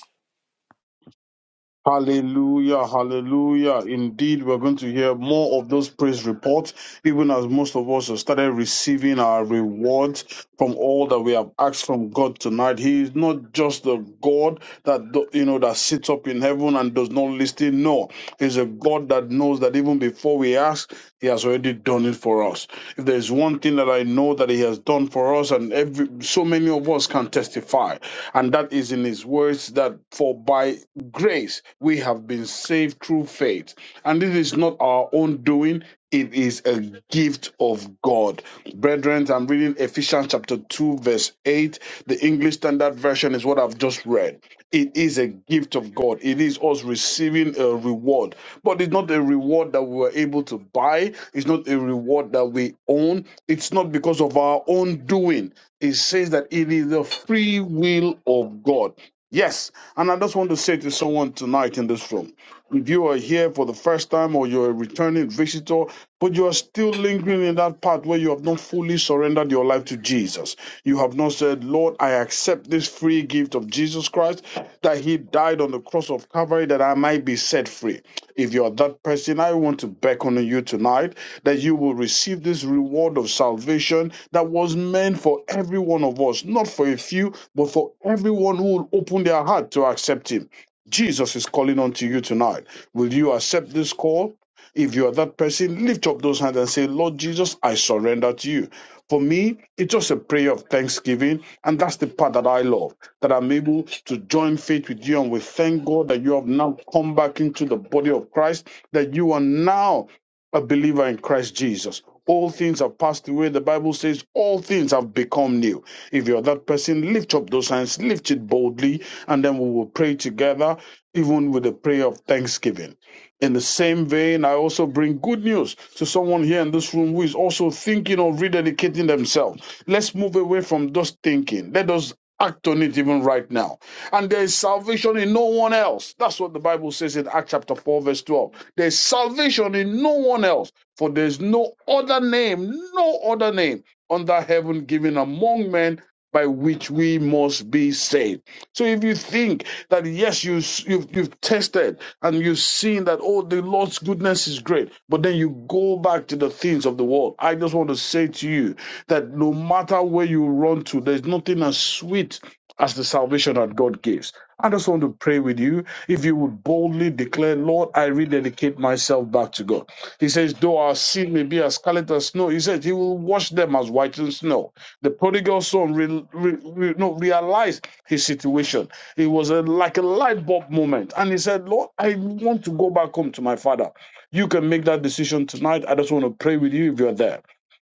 Hallelujah, hallelujah. Indeed, we're going to hear more of those praise reports, even as most of us have started receiving our rewards from all that we have asked from God tonight. He is not just a God that do- you know that sits up in heaven and does not listen. No, He's a God that knows that even before we ask, He has already done it for us. If there is one thing that I know that He has done for us, and every so many of us can testify, and that is in His words that for by grace we have been saved through faith, and this is not our own doing. It is a gift of God. Brethren, I'm reading Ephesians chapter 2, verse 8. The English Standard Version is what I've just read. It is a gift of God. It is us receiving a reward, but it's not a reward that we were able to buy. It's not a reward that we own. It's not because of our own doing. It says that it is the free will of God. Yes. And I just want to say to someone tonight in this room. If you are here for the first time or you're a returning visitor, but you are still lingering in that part where you have not fully surrendered your life to Jesus, you have not said, Lord, I accept this free gift of Jesus Christ, that He died on the cross of Calvary that I might be set free. If you are that person, I want to beckon on you tonight that you will receive this reward of salvation that was meant for every one of us, not for a few, but for everyone who will open their heart to accept Him. Jesus is calling unto you tonight. Will you accept this call? If you are that person, lift up those hands and say, Lord Jesus, I surrender to you. For me, it's just a prayer of thanksgiving, and that's the part that I love, that I'm able to join faith with you. And we thank God that you have now come back into the body of Christ, that you are now a believer in Christ Jesus. All things have passed away. The Bible says all things have become new. If you're that person, lift up those hands, lift it boldly, and then we will pray together, even with a prayer of thanksgiving. In the same vein, I also bring good news to someone here in this room who is also thinking of rededicating themselves. Let's move away from just thinking. Let us act on it even right now. And there is salvation in no one else. That's what the Bible says in Acts chapter 4, verse 12. There is salvation in no one else, for there is no other name, no other name under heaven given among men by which we must be saved. So if you think that yes, you you've, you've tested and you've seen that oh, the Lord's goodness is great, but then you go back to the things of the world. I just want to say to you that no matter where you run to, there's nothing as sweet as the salvation that God gives. I just want to pray with you if you would boldly declare, Lord, I rededicate myself back to God. He says, though our sin may be as scarlet as snow, he says he will wash them as white as snow. The prodigal son re- re- re- no, realized his situation. It was a, like a light bulb moment. And he said, Lord, I want to go back home to my father. You can make that decision tonight. I just want to pray with you if you're there.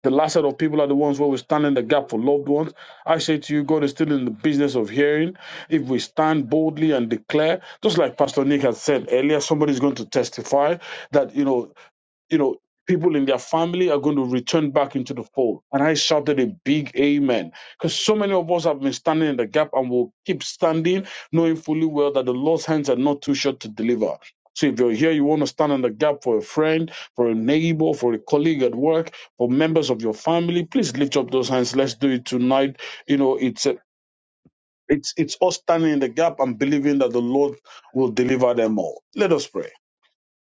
The last set of people are the ones where we stand in the gap for loved ones. I say to you, God is still in the business of hearing. If we stand boldly and declare, just like Pastor Nick had said earlier, somebody's going to testify that you know you know, people in their family are going to return back into the fold. And I shouted a big amen because so many of us have been standing in the gap and will keep standing, knowing fully well that the Lord's hands are not too short to deliver. So if you're here, you want to stand in the gap for a friend, for a neighbor, for a colleague at work, for members of your family, please lift up those hands. Let's do it tonight. You know, it's a, it's it's us standing in the gap and believing that the Lord will deliver them all. Let us pray.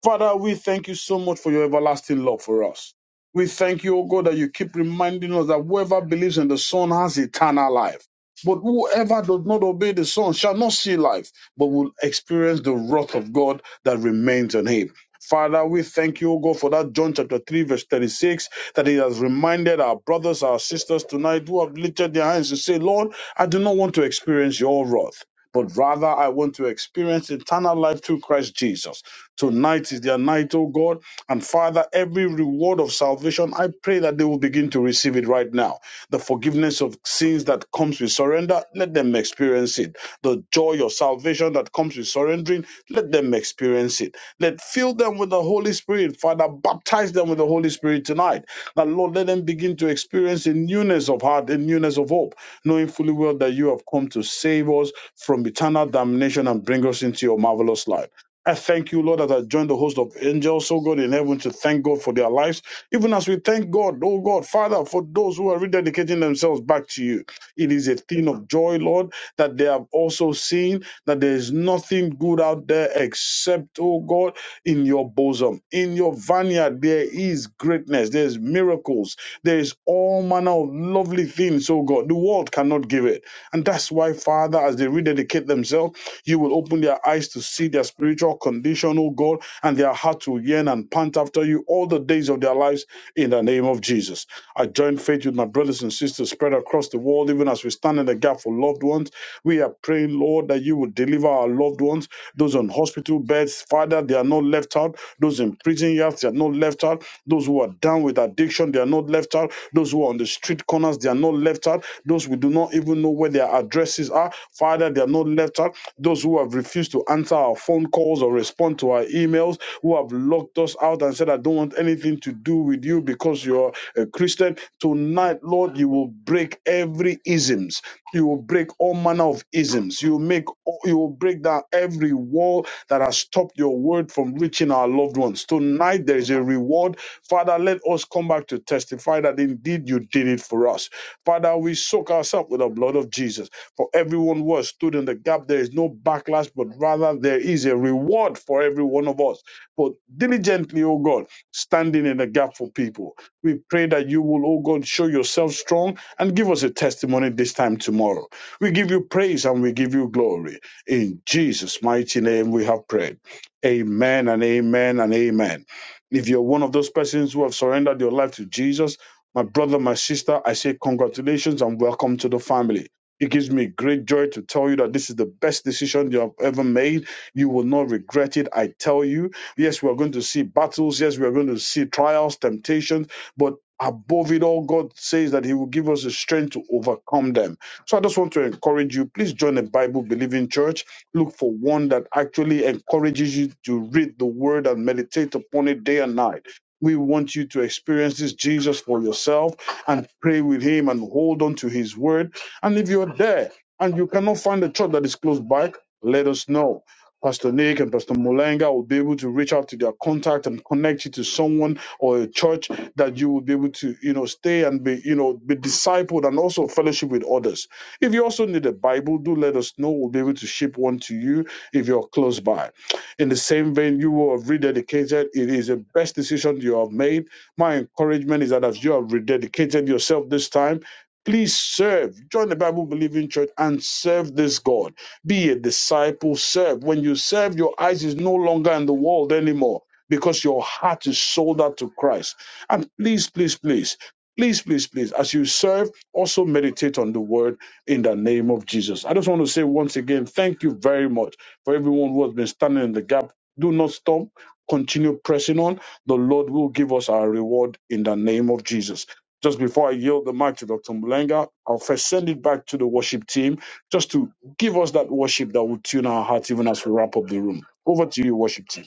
Father, we thank you so much for your everlasting love for us. We thank you, O God, that you keep reminding us that whoever believes in the Son has eternal life. But whoever does not obey the Son shall not see life, but will experience the wrath of God that remains on him. Father, we thank you, O God, for that John chapter 3, verse 36, that it has reminded our brothers, our sisters tonight who have lifted their hands to say, Lord, I do not want to experience your wrath, but rather I want to experience eternal life through Christ Jesus. Tonight is their night, oh God. And Father, every reward of salvation, I pray that they will begin to receive it right now. The forgiveness of sins that comes with surrender, let them experience it. The joy of salvation that comes with surrendering, let them experience it. Let fill them with the Holy Spirit, Father. Baptize them with the Holy Spirit tonight. That Lord, let them begin to experience a newness of heart, a newness of hope, knowing fully well that you have come to save us from eternal damnation and bring us into your marvelous light. I thank you, Lord, that I joined the host of angels, oh God, in heaven to thank God for their lives. Even as we thank God, oh God, Father, for those who are rededicating themselves back to you. It is a thing of joy, Lord, that they have also seen that there is nothing good out there except, oh God, in your bosom. In your vineyard, there is greatness, there is miracles, there is all manner of lovely things, oh God. The world cannot give it. And that's why, Father, as they rededicate themselves, you will open their eyes to see their spiritual condition, oh God, and their heart to yearn and pant after you all the days of their lives in the name of Jesus. I join faith with my brothers and sisters spread across the world, even as we stand in the gap for loved ones. We are praying, Lord, that you will deliver our loved ones, those on hospital beds, Father, they are not left out, those in prison yards, they are not left out. Those who are down with addiction, they are not left out. Those who are on the street corners, they are not left out. Those who do not even know where their addresses are, Father, they are not left out. Those who have refused to answer our phone calls or respond to our emails, who have locked us out and said, I don't want anything to do with you because you're a Christian. Tonight, Lord, you will break every isms. You will break all manner of isms. You will make you will break down every wall that has stopped your word from reaching our loved ones. Tonight there is a reward. Father, let us come back to testify that indeed you did it for us. Father, we soak ourselves with the blood of Jesus. For everyone who has stood in the gap, there is no backlash, but rather there is a reward for every one of us. For diligently, O God, standing in the gap for people. We pray that you will, O God, show yourself strong and give us a testimony this time tomorrow. We give you praise and we give you glory. In Jesus' mighty name we have prayed. Amen and amen and amen. If you're one of those persons who have surrendered your life to Jesus, my brother, my sister, I say congratulations and welcome to the family. It gives me great joy to tell you that this is the best decision you have ever made. You will not regret it, I tell you. Yes, we are going to see battles. Yes, we are going to see trials, temptations. But above it all, God says that He will give us the strength to overcome them. So I just want to encourage you. Please join a Bible believing church. Look for one that actually encourages you to read the word and meditate upon it day and night. We want you to experience this Jesus for yourself and pray with Him and hold on to His word. And if you're there and you cannot find a church that is close by, let us know. Pastor Nick and Pastor Mulenga will be able to reach out to their contact and connect you to someone or a church that you will be able to, you know, stay and be, you know, be discipled and also fellowship with others. If you also need a Bible, do let us know. We'll be able to ship one to you if you're close by. In the same vein, you who have rededicated. It is the best decision you have made. My encouragement is that as you have rededicated yourself this time, please serve. Join the Bible believing church and serve this God. Be a disciple, serve. When you serve, your eyes is no longer on the world anymore because your heart is sold out to Christ. And please, please, please, please, please, please, as you serve, also meditate on the word in the name of Jesus. I just want to say once again, thank you very much for everyone who has been standing in the gap. Do not stop. Continue pressing on. The Lord will give us our reward in the name of Jesus. Just before I yield the mic to Dr. Mulenga, I'll first send it back to the worship team just to give us that worship that will tune our hearts even as we wrap up the room. Over to you, worship team.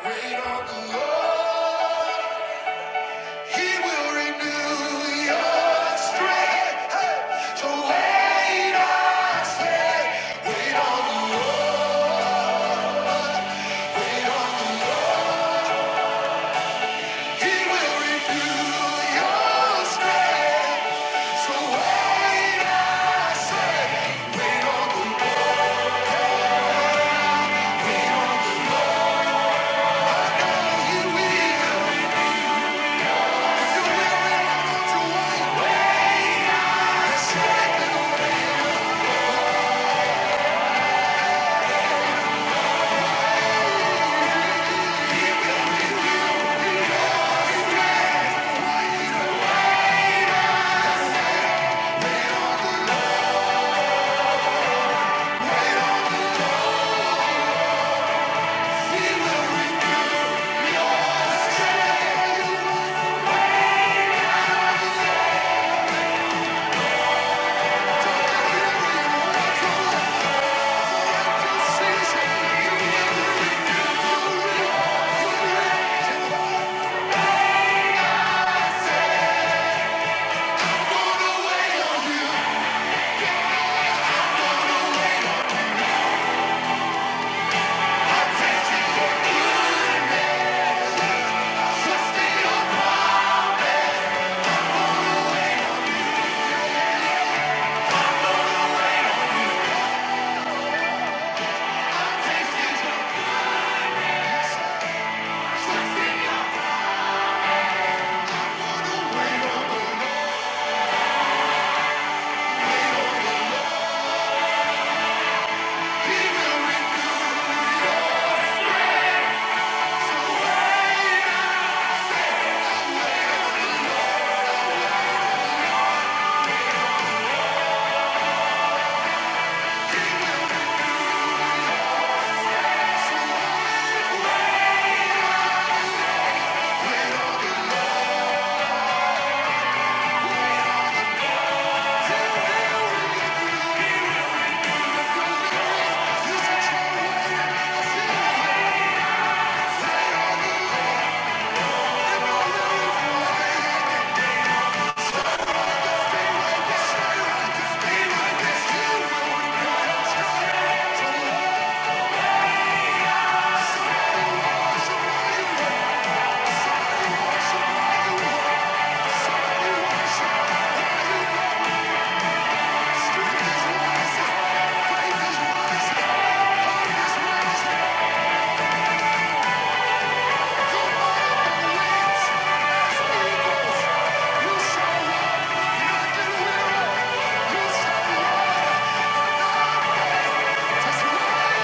faint. Wait on the Lord. Wait on the Lord. He will renew your strength. Hey, So wait, I say, wait on the Lord. He will renew your strength. So wait, on the Lord. He will. If you will wait, why don't you you hear Don't you look for it to cease? You will renew, you will, you will. gonna wait on you. Testing you, I'm testing you. Thank you. You say, You do, You Yeah.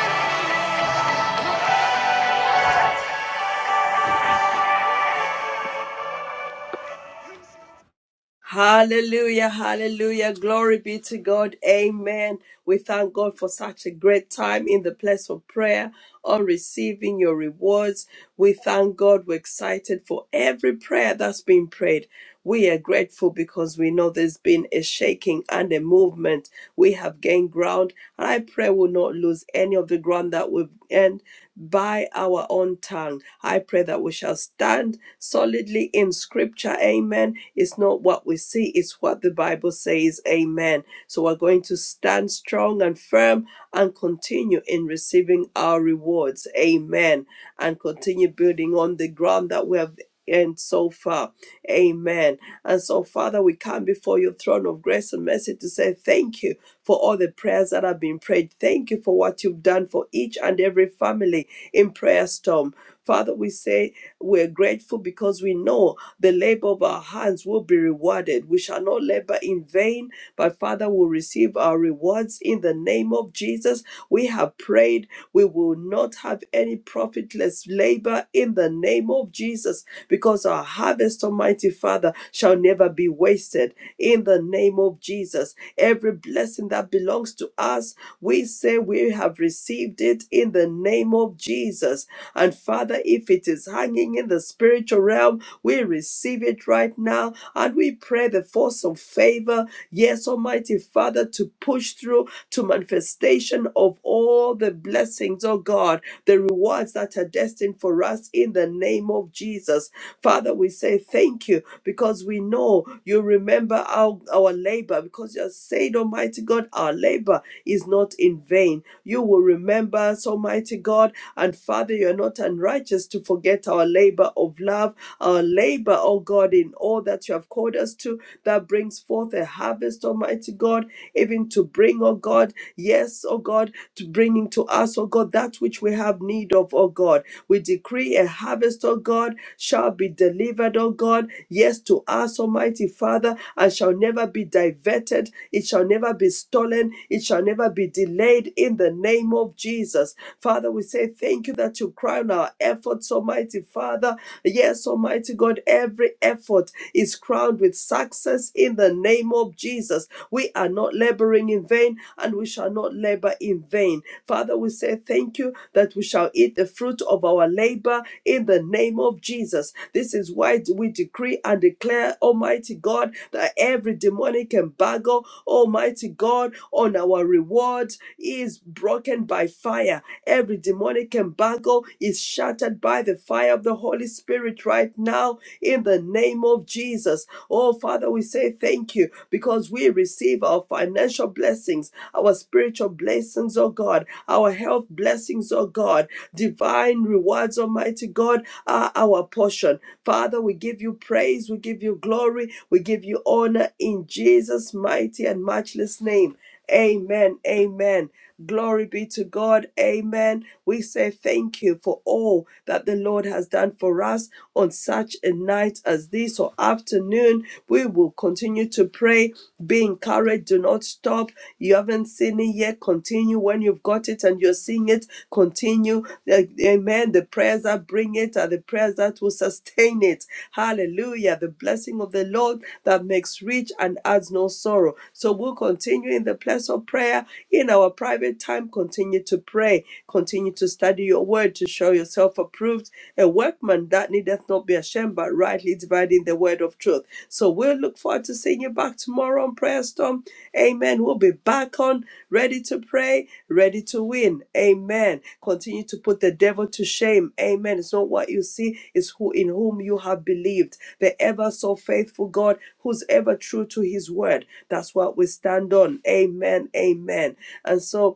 Hallelujah, hallelujah. Glory be to God. Amen. We thank God for such a great time in the place of prayer on receiving your rewards. We thank God. We're excited for every prayer that's been prayed. We are grateful because we know there's been a shaking and a movement. We have gained ground, and I pray we'll not lose any of the ground that we've gained by our own tongue. I pray that we shall stand solidly in scripture. Amen. It's not what we see, it's what the Bible says. Amen. So we're going to stand strong and firm and continue in receiving our rewards. Amen. And continue building on the ground that we have. And so far, amen. And so, Father, we come before your throne of grace and mercy to say thank you for all the prayers that have been prayed. Thank you for what you've done for each and every family in Prayer Storm. Father, we say we're grateful because we know the labor of our hands will be rewarded. We shall not labor in vain, but Father, will receive our rewards in the name of Jesus. We have prayed. We will not have any profitless labor in the name of Jesus. Jesus, because our harvest, Almighty Father, shall never be wasted. In the name of Jesus, every blessing that belongs to us, we say we have received it in the name of Jesus. And Father, if it is hanging in the spiritual realm, we receive it right now and we pray the force of favor, yes, Almighty Father, to push through to manifestation of all the blessings, oh God the rewards that are destined for us in the name of Jesus. Father, we say thank you because we know you remember our, our labor because you have said, Almighty God, our labor is not in vain. You will remember us, Almighty God, and Father, you're not unrighteous to forget our labor of love, our labor, oh God, in all that you have called us to, that brings forth a harvest, Almighty God, even to bring, oh God, yes, oh God, to bring into us, oh God, that which we have need of, oh God. We decree a harvest, oh God, shall be delivered, oh God, yes, to us, Almighty Father, and shall never be diverted. It shall never be stolen. It shall never be delayed in the name of Jesus. Father, we say thank you that you crown our efforts, Almighty Father. Yes, Almighty God, every effort is crowned with success in the name of Jesus. We are not laboring in vain and we shall not labor in vain. Father, we say thank you that we shall eat the fruit of our labor in the name of Jesus. This is why we decree and declare, Almighty God, that every demonic embargo, Almighty God, on our reward is broken by fire. Every demonic embargo is shattered by the fire of the Holy Spirit right now in the name of Jesus us. Oh, Father, we say thank you because we receive our financial blessings, our spiritual blessings, oh God, our health blessings, oh God, divine rewards, Almighty God, are our portion. Father, we give you praise, we give you glory, we give you honor in Jesus' mighty and matchless name. Amen. Amen. Glory be to God. Amen. We say thank you for all that the Lord has done for us on such a night as this or afternoon. We will continue to pray. Be encouraged. Do not stop. You haven't seen it yet. Continue when you've got it and you're seeing it. Continue. Like, Amen. Amen. The prayers that bring it are the prayers that will sustain it. Hallelujah. The blessing of the Lord that makes rich and adds no sorrow. So we'll continue in the place of prayer in our private time. Continue to pray. Continue to study your word to show yourself approved, a workman that needeth not be ashamed, but rightly dividing the word of truth. So We'll look forward to seeing you back tomorrow on Prayer Storm. Amen. We'll be back on, ready to pray, ready to win. Amen. Continue to put the devil to shame. Amen. It's not what you see, it's who in whom you have believed. The ever so faithful God who's ever true to his word. That's what we stand on. Amen. Amen. And so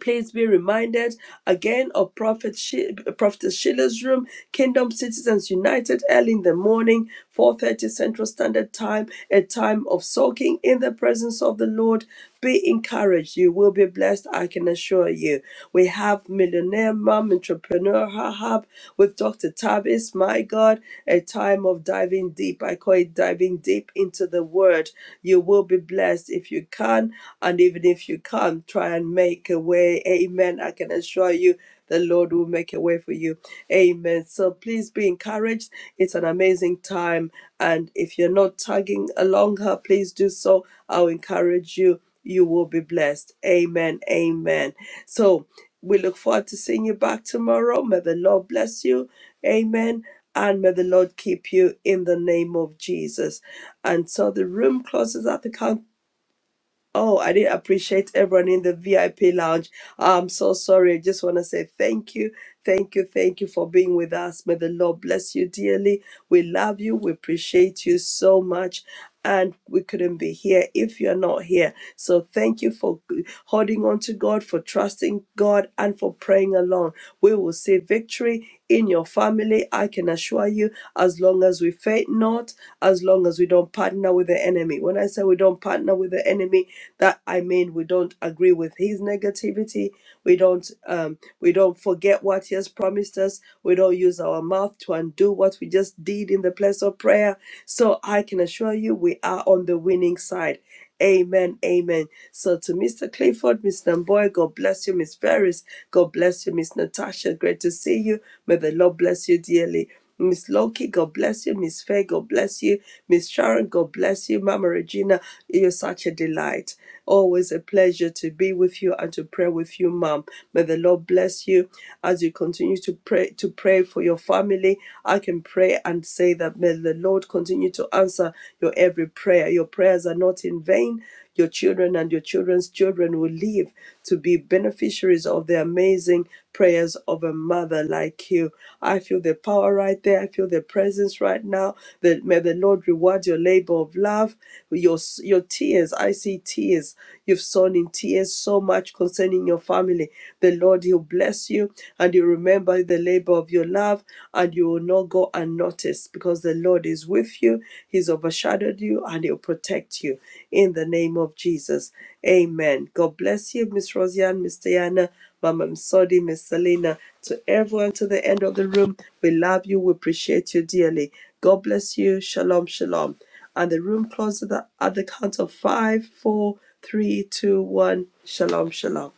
Please be reminded again of Prophet she- Prophetess Sheila's room, Kingdom Citizens United, early in the morning, 4:30 Central Standard Time, a time of soaking in the presence of the Lord. Be encouraged. You will be blessed. I can assure you. We have Millionaire Mom Entrepreneur Hub with Dr. Tavis. My God, a time of diving deep. I call it diving deep into the Word. You will be blessed if you can, and even if you can't try and make a way, amen, I can assure you the Lord will make a way for you. Amen. So please be encouraged. It's an amazing time. And if you're not tagging along her, please do so. I'll encourage you. You will be blessed. Amen. Amen. So we look forward to seeing you back tomorrow. May the Lord bless you. Amen. And may the Lord keep you in the name of Jesus. And so the room closes at the count Oh, I did appreciate everyone in the VIP lounge. I'm so sorry. I just want to say thank you, thank you, thank you for being with us. May the Lord bless you dearly. We love you. We appreciate you so much. And we couldn't be here if you're not here. So thank you for holding on to God, for trusting God, and for praying along. We will see victory in your family. I can assure you, as long as we faint not, as long as we don't partner with the enemy. When I say we don't partner with the enemy, that I mean we don't agree with his negativity. We don't um, we don't forget what he has promised us. We don't use our mouth to undo what we just did in the place of prayer. So I can assure you, we are on the winning side. Amen. Amen. So to Mr. Clifford, Miss Namboy, God bless you. Miss Ferris, God bless you. Miss Natasha, great to see you. May the Lord bless you dearly. Miss Loki, God bless you. Miss Faye, God bless you. Miss Sharon, God bless you. Mama Regina, you're such a delight. Always a pleasure to be with you and to pray with you, Mom. May the Lord bless you as you continue to pray to pray for your family. I can pray and say that may the Lord continue to answer your every prayer. Your prayers are not in vain. Your children and your children's children will live to be beneficiaries of the amazing prayers of a mother. Father like you. I feel the power right there. I feel the presence right now. That may the Lord reward your labor of love, your your tears. I see tears. You've sown in tears so much concerning your family. The Lord, He'll bless you and you remember the labor of your love, and you will not go unnoticed because the Lord is with you. He's overshadowed you and He'll protect you in the name of Jesus. Amen. God bless you, Miss Rosianne, Mr. Yana. Mama Msodi, Miss Selena, to everyone to the end of the room. We love you. We appreciate you dearly. God bless you. Shalom, shalom. And the room closes at the at the count of five, four, three, two, one. Shalom, shalom.